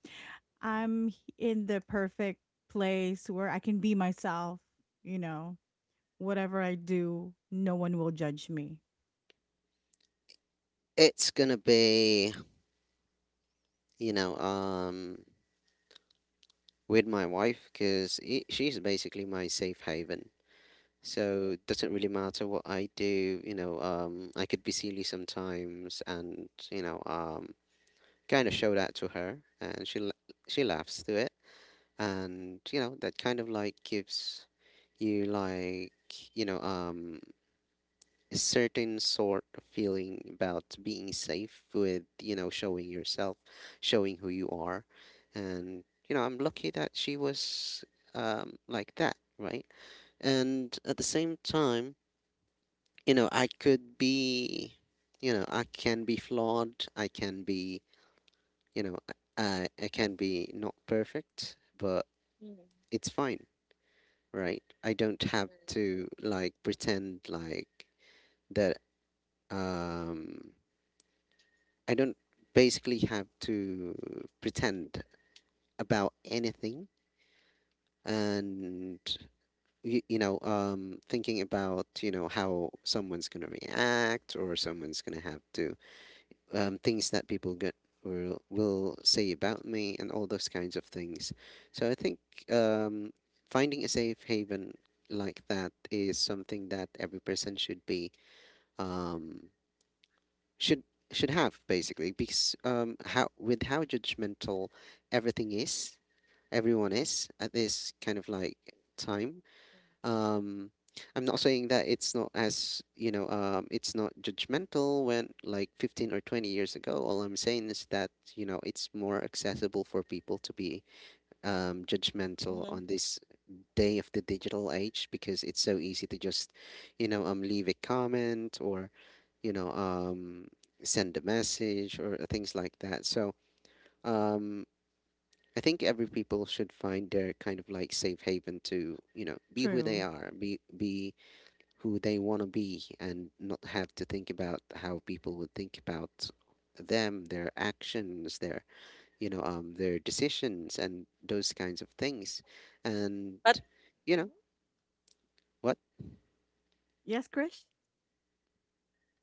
S1: I'm in the perfect place where I can be myself. You know, whatever I do, no one will judge me.
S2: It's gonna be, you know, um, with my wife because she's basically my safe haven.
S3: Mm.
S2: So it doesn't really matter what I do, you know, um, I could be silly sometimes and, you know, um, kind of show that to her and she la- she laughs through it and, you know, that kind of like gives you like, you know, um, a certain sort of feeling about being safe with, you know, showing yourself, showing who you are. And, you know, I'm lucky that she was um, like that, right? And at the same time, you know, I could be, you know, I can be flawed. I can be, you know, I, I can be not perfect, but it's fine, right? I don't have
S3: Mm-hmm.
S2: to like pretend like that. Um, I don't basically have to pretend about anything. And you, you know, um, thinking about you know how someone's gonna react or someone's gonna have to um, things that people get will, will say about me and all those kinds of things. So I think um, finding a safe haven like that is something that every person should be um, should should have basically because um, how with how judgmental everything is, everyone is at this kind of like time um, I'm not saying that it's not, as you know um it's not judgmental when like fifteen or twenty years ago. All I'm saying is that you know it's more accessible for people to be um judgmental
S3: Mm-hmm.
S2: on this day of the digital age because it's so easy to just you know um leave a comment or you know um send a message or things like that. So um, I think every people should find their kind of like safe haven to, you know, be who they
S1: True.
S2: are, be be who they want to be, and not have to think about how people would think about them, their actions, their you know um their decisions and those kinds of things, and
S3: But.
S2: you
S3: Mhm.
S2: know what?
S1: Yes, Krish.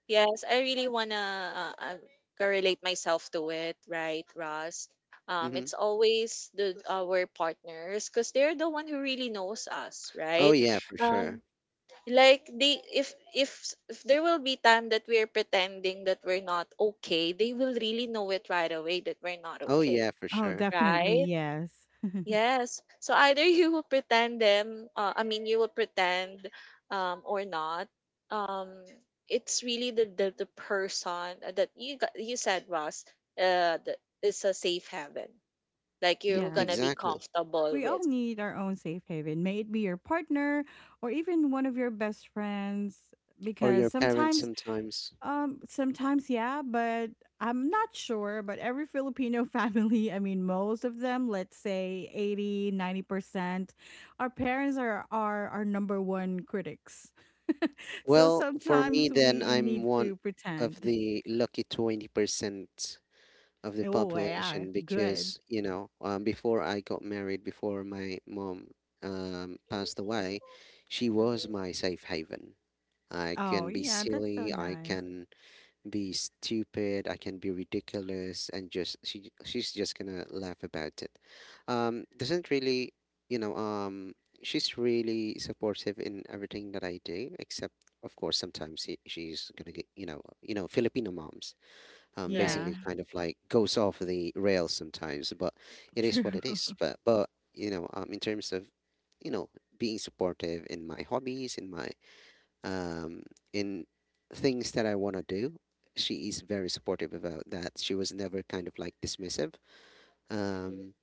S3: Yes, I really wanna, uh, uh, correlate myself to it, right, Russ? Um,
S2: Mm-hmm.
S3: it's always the our partners because they're the one who really knows us,
S2: Oh
S3: right?
S2: yeah, for sure.
S3: Um. Like they, if if if there will be time that we're pretending that we're not okay, they will really know it right away that we're not
S2: Oh
S3: okay,
S2: yeah, for
S1: Oh,
S2: sure.
S1: definitely.
S3: right?
S1: Yes.
S3: Yes, so either you will pretend them, uh, I mean, you will pretend, um or not, um it's really the the, the person that you got you said, Ross, uh that is a safe haven, like
S2: Yeah,
S3: you're
S1: yes.
S3: gonna be
S2: exactly.
S3: comfortable
S1: We all
S3: with.
S1: need our own safe haven, may it be your partner or even one of your best friends.
S2: Or
S1: Because
S2: your parents
S1: sometimes,
S2: sometimes.
S1: um, sometimes, yeah, but I'm not sure. But every Filipino family, I mean, most of them, let's say eighty, ninety percent our parents are, are our number one critics. So
S2: Well, for me,
S1: sometimes
S2: then
S1: we
S2: I'm
S1: need
S2: one
S1: to
S2: of
S1: pretend.
S2: the lucky twenty percent of the
S1: Oh, yeah,
S2: population
S1: good.
S2: because you know um, before I got married, before my mom um, passed away, she was
S3: Hmm.
S2: my safe haven. I
S1: Oh,
S2: can be
S1: yeah, that's so
S2: silly, I
S1: nice.
S2: can be stupid, I can be ridiculous, and just she she's just gonna laugh about it. Um, doesn't really, you know, um, she's really supportive in everything that I do, except of course sometimes she, she's gonna get you know you know Filipino moms um,
S3: Right.
S1: Yeah,
S2: basically kind of like goes off the rails sometimes, but it is
S1: true.
S2: what it is. But but you know, um, in terms of you know being supportive in my hobbies, in my um, in things that I want to do, she is very supportive about that. She was never kind of like dismissive,
S3: Hmm.
S2: um,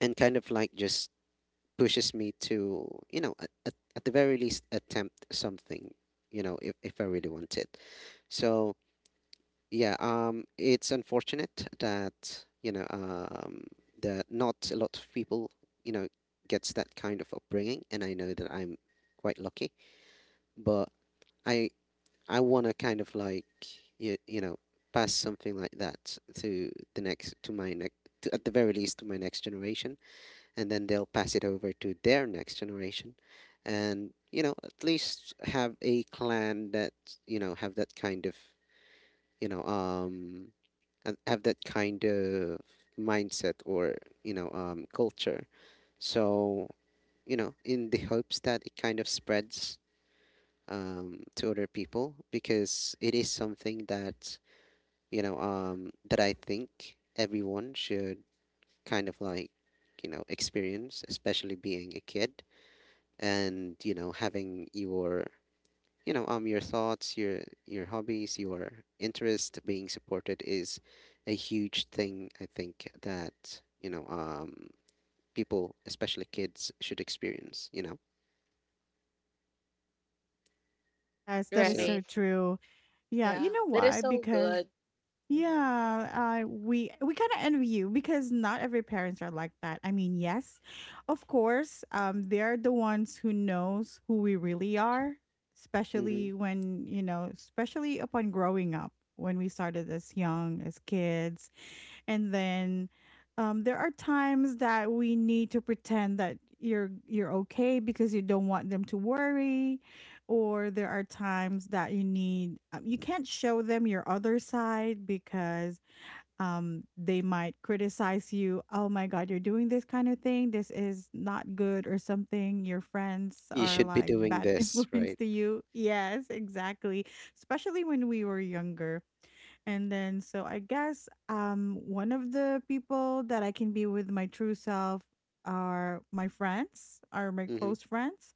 S2: and kind of like just pushes me to you know at, at, at the very least attempt something, you know if, if I really want it. So yeah, um, it's unfortunate that, you know, um, that not a lot of people, you know, gets that kind of upbringing, and I know that I'm quite lucky, but I I want to kind of like you, you know, pass something like that to the next to my next to, at the very least to my next generation, and then they'll pass it over to their next generation, and you know, at least have a clan that, you know, have that kind of, you know, um, ha- have that kind of mindset or, you know um, culture, so you know, in the hopes that it kind of spreads um, to other people because it is something that you know um, that I think everyone should kind of like you know experience, especially being a kid. And you know, having your you know um your thoughts, your your hobbies, your interest being supported is a huge thing I think that you know um people especially kids should experience, you know.
S1: Yes, that is
S2: So
S1: so
S3: Right.
S1: true. Yeah, you
S3: Yeah,
S1: know
S3: that is
S1: why?
S3: so
S1: Because
S3: good. Hmm.
S1: yeah, uh, we we kind of envy you because not every parents are like that. I mean, yes, of course, um, they're the ones who knows who we really are, especially
S2: mhm,
S1: when you know, especially upon growing up when we started as young as kids, and then um, there are times that we need to pretend that you're you're okay because you don't want them to worry or there are times that you need um, you can't show them your other side because um they might criticize you. Oh my god, you're doing this kind of thing. This is not good or something. Your friends
S2: you
S1: are
S2: should be
S1: like
S2: doing
S1: bad
S2: this
S1: influence
S2: right.
S1: to you. Yes, exactly, especially when we were younger. And then, so I guess um, one of the people that I can be with my true self are my friends, are my
S2: Hmm.
S1: close friends,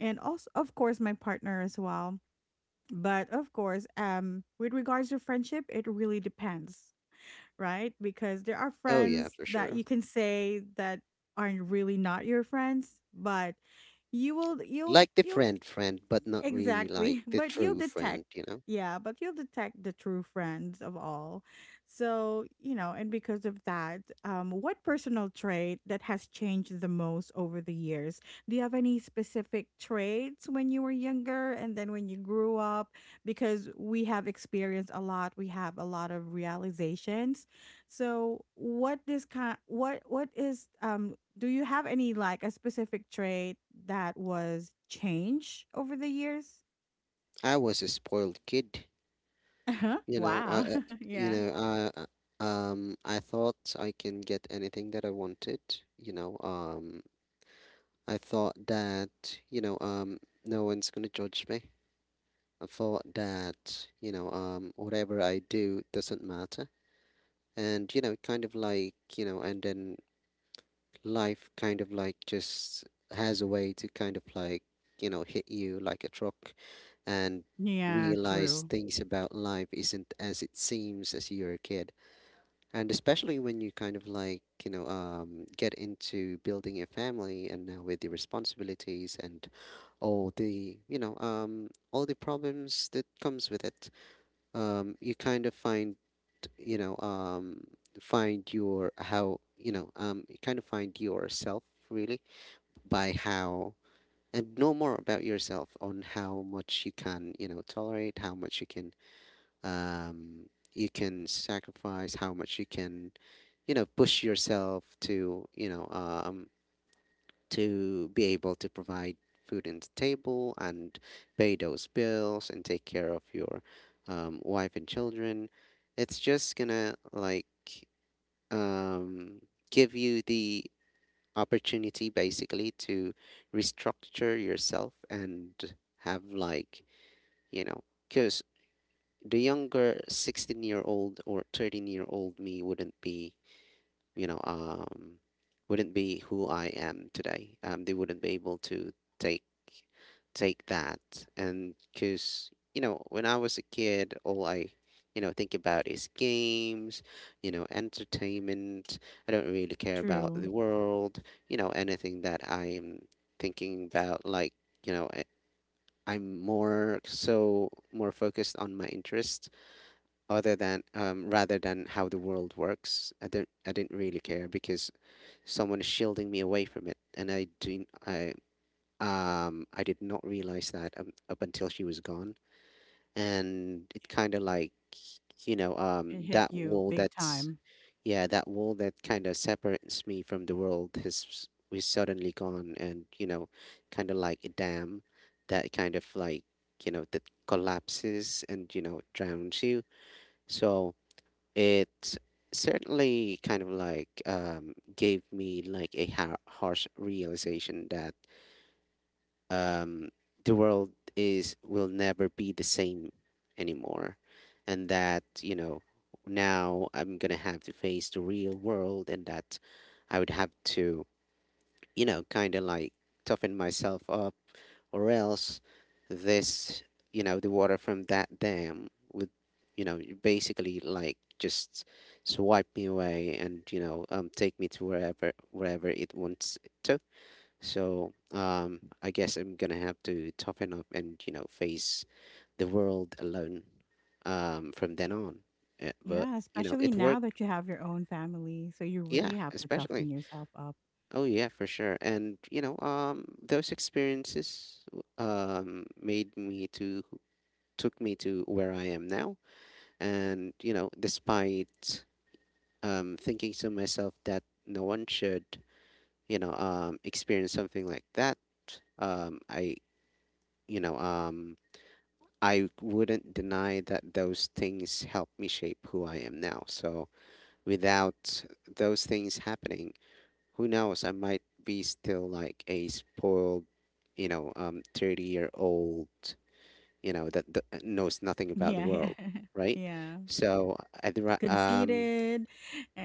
S1: and also, of course, my partner as well. But of course, um, with regards to friendship, it really depends, right? Because there are
S2: Oh yeah,
S1: friends
S2: for
S1: that
S2: sure.
S1: you can say that aren't really not your friends, but you will you'll
S2: Like the
S1: you'll
S2: friend friend but not really like
S1: exactly.
S2: the
S1: But you'll
S2: true
S1: detect,
S2: friend, you know.
S1: yeah, but you'll detect the true friends of all. So, you know, and because of that, um, what personal trait that has changed the most over the years? Do you have any specific traits when you were younger and then when you grew up? Because we have experienced a lot, we have a lot of realizations. So what this kind what what is um do you have any like a specific trait that was changed over the years?
S2: I was a spoiled kid.
S1: Uh-huh.
S2: You know I
S1: Wow.
S2: uh, you
S1: yeah.
S2: know I uh, um I thought I can get anything that I wanted. you know um I thought that, you know, um, no one's gonna judge me. I thought that, you know, um, whatever I do doesn't matter. And, you know, kind of like, you know, and then life kind of like just has a way to kind of like, you know, hit you like a truck and
S1: Yeah,
S2: realize
S1: true.
S2: things about life isn't as it seems as you're a kid. And especially when you kind of like, you know, um, get into building a family and now with the responsibilities and all the you know um all the problems that comes with it, um, you kind of find you know um find your how you know um you kind of find yourself really, by how, and know more about yourself on how much you can you know tolerate, how much you can um, you can sacrifice, how much you can you know push yourself to, you know um to be able to provide food on the table and pay those bills and take care of your um, wife and children. It's just gonna like um, give you the opportunity basically to restructure yourself and have like, you know, because the younger sixteen year old or thirteen year old me wouldn't be, you know, um, wouldn't be who I am today. Um, they wouldn't be able to take take that, and because you know, when I was a kid, all I you know think about is games, you know, entertainment. I don't really care about
S1: True.
S2: the world, you know, anything that I'm thinking about, like you know. I, I'm more so more focused on my interests other than um, rather than how the world works. I don't I didn't really care because someone is shielding me away from it, and I do I um, I did not realize that um, up until she was gone, and it kind of like you know um
S1: It hit
S2: that
S1: you
S2: wall
S1: big
S2: that's
S1: time.
S2: yeah, that wall that kind of separates me from the world has was suddenly gone, and you know, kind of like a dam that kind of like you know that collapses and you know drowns you. So it certainly kind of like um, gave me like a ha- harsh realization that um, the world is will never be the same anymore, and that you know, now I'm gonna have to face the real world, and that I would have to you know kind of like toughen myself up, or else this, you know the water from that dam would you know basically like just swipe me away, and you know um take me to wherever wherever it wants to. So um, I guess I'm gonna have to toughen up and you know face the world alone um from then on. Uh, but
S1: Yeah,
S2: you know,
S1: especially
S2: it
S1: now
S2: worked.
S1: that you have your own family. So you
S2: Yeah,
S1: really have to toughen
S2: especially.
S1: yourself up.
S2: Oh yeah, for sure. And you know um those experiences um made me to took me to where I am now. And, you know, despite um, thinking to myself that no one should, you know, um, experience something like that, um, I, you know, um, I wouldn't deny that those things helped me shape who I am now. So without those things happening, who knows? I might be still like a spoiled, you know, um, thirty year old you know that, that uh, knows nothing about the
S1: Yeah, yeah.
S2: world, right?
S1: Yeah.
S2: So at the ri- um
S1: Conceited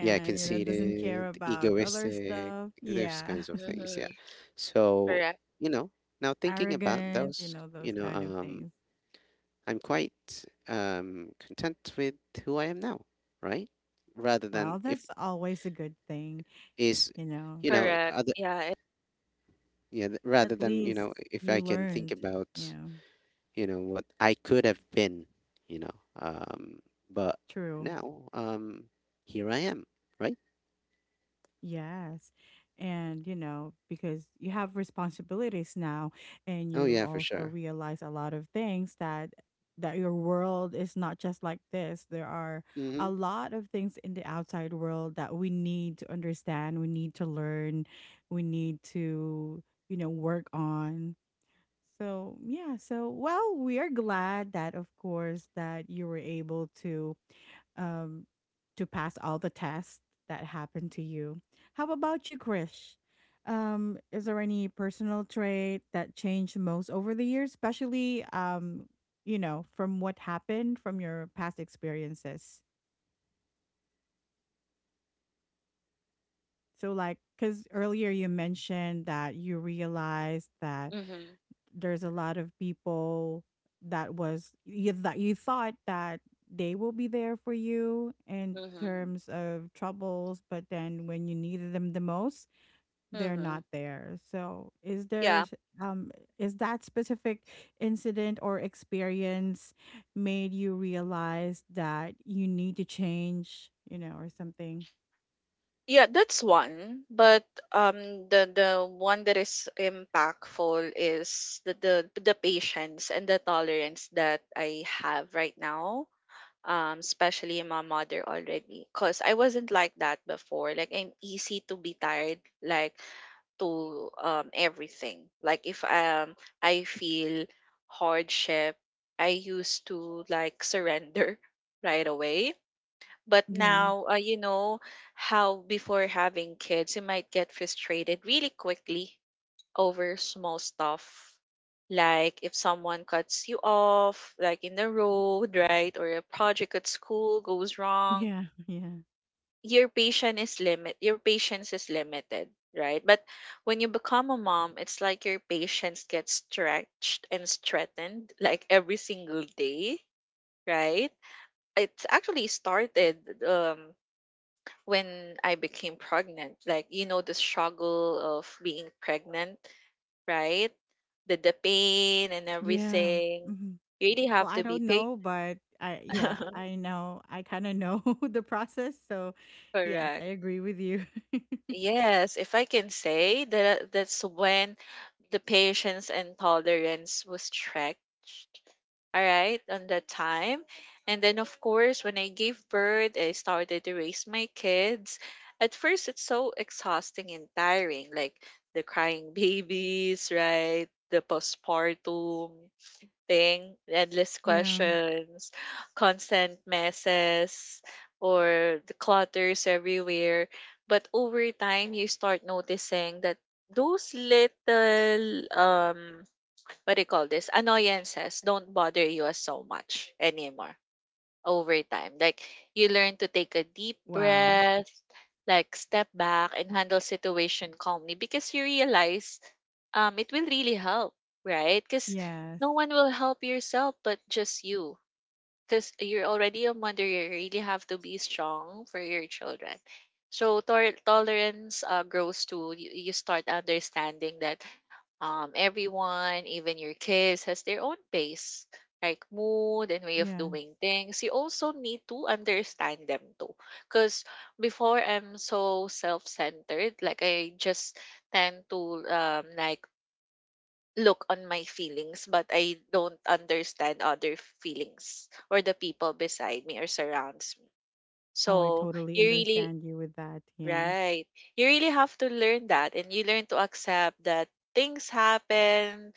S2: yeah,
S1: you know, doesn't care
S2: conceited,
S1: about other
S2: egoistic,
S1: stuff.
S2: those
S1: Yeah.
S2: kinds of things, yeah.
S3: Mhm.
S2: So
S3: Correct.
S2: you know now thinking about
S1: Arrogant, you
S2: those
S1: know,
S2: you
S1: those
S2: know
S1: kind of
S2: um
S1: things.
S2: I'm quite um content with who I am now, right, rather than
S1: Well,
S2: if
S1: that's always a good thing,
S2: is
S1: you know.
S2: you know
S3: Correct.
S2: other
S3: Yeah. It,
S2: yeah, th- rather
S1: At
S2: than you
S1: least
S2: know, if I
S1: you
S2: can think
S1: learned, you
S2: about
S1: know.
S2: you know what I could have been, you know. Um, but
S1: True.
S2: now, um, here I am, right?
S1: Yes. And, you know, because you have responsibilities now and
S2: Oh
S1: you
S2: yeah, for
S1: also
S2: sure.
S1: realize a lot of things that that your world is not just like this. There are
S2: Hmm.
S1: a lot of things in the outside world that we need to understand, we need to learn, we need to, you know, work on. So, yeah. So, well, we are glad that, of course, that you were able to um to pass all the tests that happened to you. How about you, Krish? Um, is there any personal trait that changed most over the years, especially um, you know, from what happened from your past experiences? So, like, because earlier you mentioned that you realized that
S3: mhm.
S1: there's a lot of people that was you that you thought that they will be there for you in
S3: Mhm.
S1: terms of troubles, but then when you needed them the most, they're not
S3: Mhm.
S1: there. So, is there
S3: Yeah.
S1: s- um is that specific incident or experience made you realize that you need to change, you know, or something?
S3: Yeah, that's one. But um the the one that is impactful is the the, the patience and the tolerance that I have right now, um especially my mother already, because I wasn't like that before, like I'm easy to be tired, like to um everything, like if um I feel hardship, I used to like surrender right away. But
S1: Yeah.
S3: now, uh, you know how before having kids you might get frustrated really quickly over small stuff. Like if someone cuts you off, like in the road, right? Or a project at school goes wrong,
S1: Yeah. Yeah.
S3: your patience is limit your patience is limited, right? But when you become a mom, it's like your patience gets stretched and strengthened, like, every single day, right? It's actually started um when I became pregnant, like, you know the struggle of being pregnant, right? The the pain and
S1: Yeah.
S3: everything.
S1: Mm-hmm.
S3: You really
S1: Well,
S3: have
S1: I
S3: to be
S1: don't know, but I yeah,
S3: patient.
S1: I know. I kind of know the process, so yes, I
S3: Correct.
S1: agree with you.
S3: Yes, if I can say that, that's when the patience and tolerance was stretched. All right, on that time. And then of course, when I gave birth, I started to raise my kids. At first, it's so exhausting and tiring, like the crying babies, right? The postpartum thing, endless
S1: Yeah.
S3: questions, constant messes, or the clutters everywhere. But over time, you start noticing that those little, um what do you call this, annoyances, don't bother you as so much anymore. Over time, like, you learn to take a deep
S1: Wow.
S3: breath, like step back, and handle situation calmly, because you realize um, it will really help, right? Because
S1: Yes.
S3: no one will help yourself but just you. Because you're already a mother, you really have to be strong for your children. So tor- tolerance, uh, grows to you. You start understanding that um, everyone, even your kids, has their own pace, like mood and way of
S1: Yes.
S3: doing things. You also need to understand them too. Because before I'm so self centered, like I just tend to, um, like, look on my feelings, but I don't understand other feelings or the people beside me or surrounds me.
S1: Oh, I
S3: So
S1: totally
S3: you really
S1: understand you with that. Yeah.
S3: right. You really have to learn that, and you learn to accept that things happen,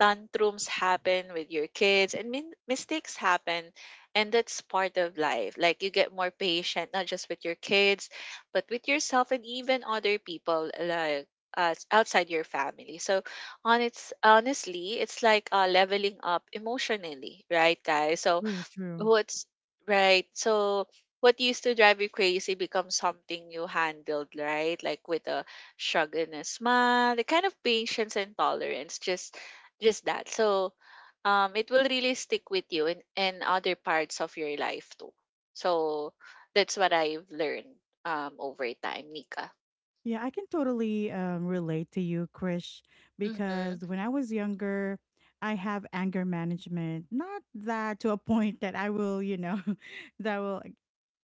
S3: tantrums happen with your kids, and min- mistakes happen, and that's part of life, like you get more patient, not just with your kids but with yourself and even other people, like, uh, outside your family, so on, it's honestly, it's like, uh, leveling up emotionally, right, guys? So
S1: True, true.
S3: What's right. So what used to drive you crazy becomes something you handled, right? Like with a shrug and a smile, the kind of patience and tolerance, just just that. So um it will really stick with you in, in other parts of your life too. So that's what I've learned um over time, Nika.
S1: Yeah, I can totally um, relate to you, Krish,
S3: Mm-hmm.
S1: because when I was younger, I have anger management. Not that to a point that I will, you know, that will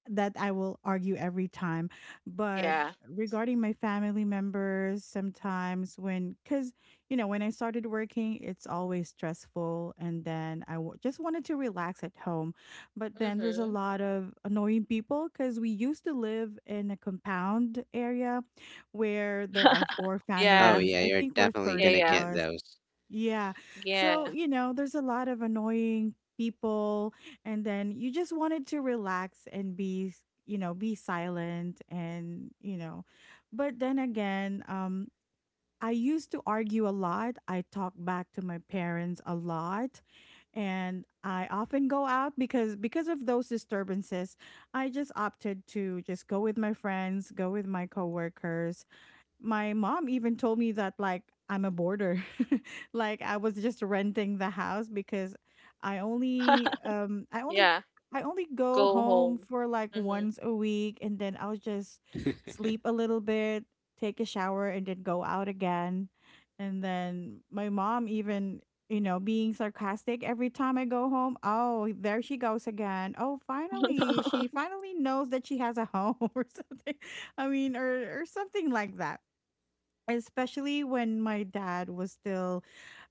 S1: that I will argue every time, but
S3: Yeah.
S1: regarding my family members, sometimes when, because you know, when I started working, it's always stressful, and then I w- just wanted to relax at home, but then there's a
S3: Mm-hmm.
S1: lot of annoying people because we used to live in a compound area where there are four
S2: Oh
S3: Yeah.
S1: families.
S2: yeah,
S1: I
S2: you're
S1: think we're
S2: definitely
S3: Yeah,
S1: thirty
S2: gonna
S3: yeah.
S2: get
S1: plus.
S2: those.
S1: Yeah. So,
S3: Yeah.
S1: you know, there's a lot of annoying people and then you just wanted to relax and be, you know, be silent and, you know. But then again, um I used to argue a lot. I talk back to my parents a lot and I often go out because because of those disturbances, I just opted to just go with my friends, go with my coworkers. My mom even told me that like I'm a boarder. like I was just renting the house because I only um I only
S3: Yeah.
S1: I only go
S3: Go
S1: home
S3: home.
S1: for like once a week and then I'll just sleep a little bit, take a shower and then go out again. And then my mom even, you know, being sarcastic every time I go home. Oh, there she goes again. Oh, finally, she
S3: Mm-hmm.
S1: finally knows that she has a home or something. I mean, or or something like that, especially when my dad was still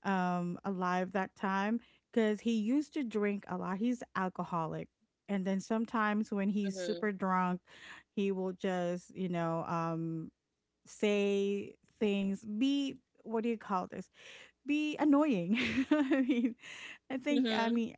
S1: um, alive that time because he used to drink a lot. He's alcoholic, and then sometimes when he's super drunk, he will just you know um, say things, be what do you call this, be annoying. i mean i think i
S3: Mm-hmm.
S1: mean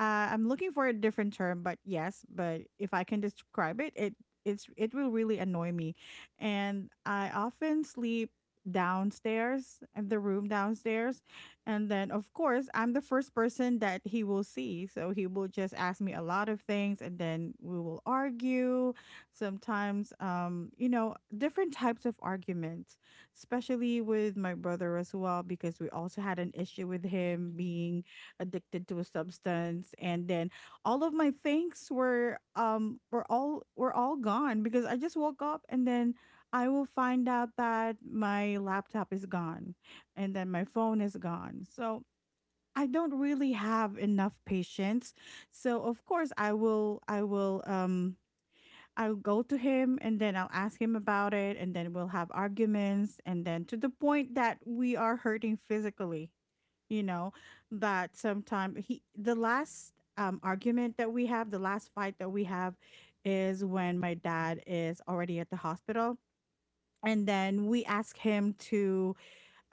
S1: uh, I'm looking for a different term, but yes, but if I can describe it, it it's it will really annoy me, and I often sleep downstairs in the room downstairs, and then of course I'm the first person that he will see, so he will just ask me a lot of things, and then we will argue. Sometimes, um, you know, different types of arguments, especially with my brother as well, because we also had an issue with him being addicted to a substance and then all of my things were um were all were all gone because I just woke up and then I will find out that my laptop is gone and then my phone is gone. So I don't really have enough patience. So of course I will I will um I'll go to him and then I'll ask him about it and then we'll have arguments and then to the point that we are hurting physically, you know, that sometimes he the last um, argument that we have the last fight that we have is when my dad is already at the hospital and then we ask him to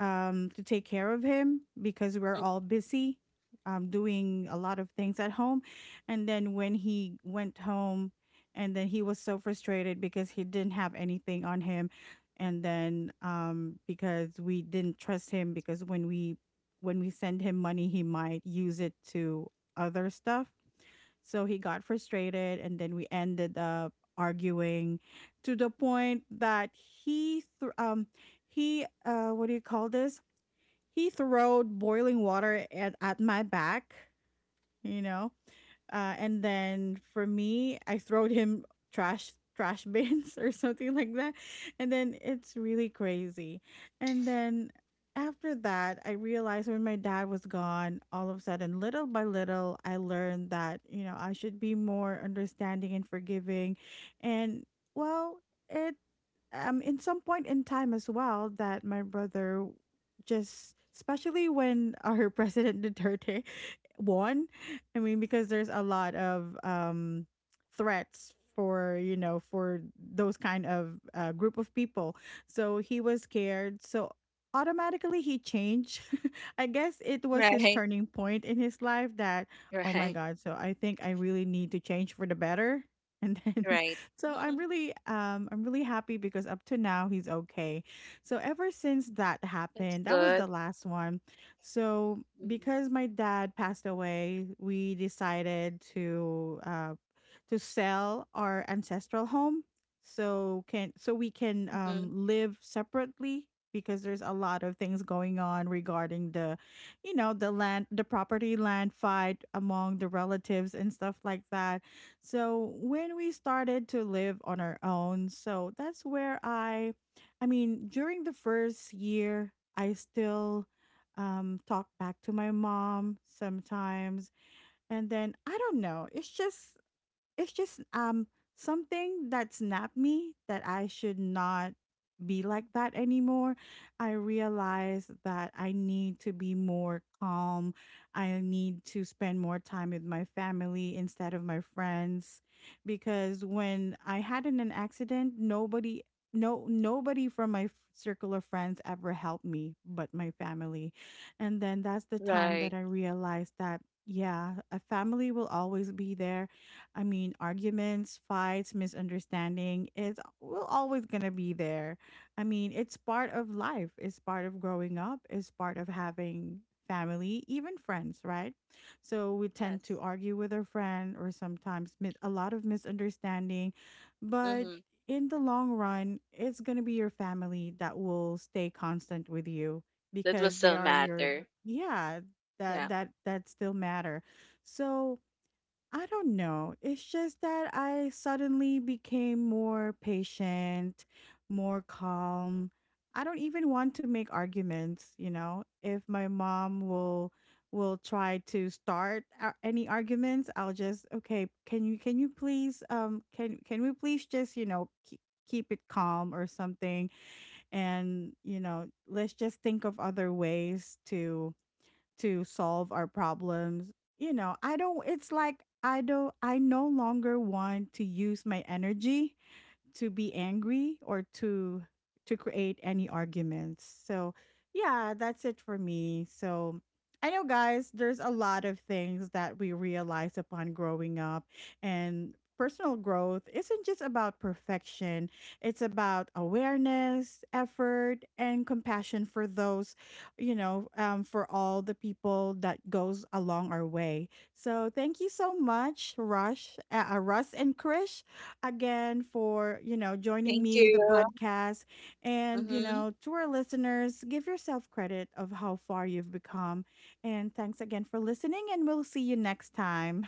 S1: um, to take care of him because we're all busy um, doing a lot of things at home. And then when he went home, and then he was so frustrated because he didn't have anything on him. And then um, because we didn't trust him because when we when we send him money, he might use it to other stuff. So he got frustrated, and then we ended up arguing to the point that he thr um he uh what do you call this he throwed boiling water at, at my back, you know. Uh, and then for me, I throwed him trash trash bins or something like that. And then it's really crazy. And then after that, I realized when my dad was gone, all of a sudden, little by little, I learned that, you know, I should be more understanding and forgiving. And well, it um in some point in time as well that my brother just, especially when our President Duterte won. I mean, because there's a lot of um, threats for, you know, for those kind of uh, group of people. So he was scared. So automatically he changed. I guess it was his
S3: Right.
S1: turning point in his life that, oh my
S3: Right.
S1: god, so I think I really need to change for the better. And then,
S3: Right.
S1: so I'm really, um, I'm really happy because up to now he's okay. So ever since that
S3: That's
S1: happened, that was
S3: good.
S1: the last one. So because my dad passed away, we decided to uh, to sell our ancestral home so can so we can
S3: Mm-hmm.
S1: um, live separately, because there's a lot of things going on regarding the, you know, the land, the property land fight among the relatives and stuff like that. So when we started to live on our own, so that's where i i mean during the first year I still um, talk back to my mom sometimes. And then I don't know, it's just it's just um something that snapped me that I should not be like that anymore. I realized that I need to be more calm. I need to spend more time with my family instead of my friends, because when I had in an accident, nobody no nobody from my f- circle of friends ever helped me but my family. And then that's the time
S3: Right.
S1: that I realized that yeah, a family will always be there. I mean, arguments, fights, misunderstanding, it's will always gonna be there. I mean, it's part of life, it's part of growing up, it's part of having family, even friends, right? So we tend
S3: Yes.
S1: to argue with our friend or sometimes mis- a lot of misunderstanding, but
S3: Mm-hmm.
S1: in the long run, it's gonna be your family that will stay constant with you
S3: That will
S1: because they
S3: still
S1: are your,
S3: matter.
S1: yeah, that
S3: Yeah.
S1: that that still matter. So I don't know. It's just that I suddenly became more patient, more calm. I don't even want to make arguments, you know. If my mom will will try to start a- any arguments, I'll just, okay, can you can you please um can can we please just, you know, keep keep it calm or something, and, you know, let's just think of other ways to to solve our problems. You know, I don't, it's like I don't, I no longer want to use my energy to be angry or to to create any arguments. So, yeah, that's it for me. So, I know guys, there's a lot of things that we realize upon growing up, and personal growth isn't just about perfection. It's about awareness, effort, and compassion for those, you know, um, for all the people that goes along our way. So thank you so much, Rush, uh, uh, Russ and Krish, again for, you know, joining
S3: Thank
S1: me, the
S3: you.
S1: podcast. And, you
S3: Mm-hmm.
S1: know, to our listeners, give yourself credit of how far you've become. And thanks again for listening, and we'll see you next time.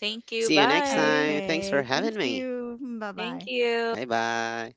S3: Thank you.
S2: See you next
S3: Bye.
S2: time. Thanks for
S1: Okay. Thank
S2: having me.
S1: you. Bye
S3: Thank
S1: bye.
S3: you.
S2: Bye bye.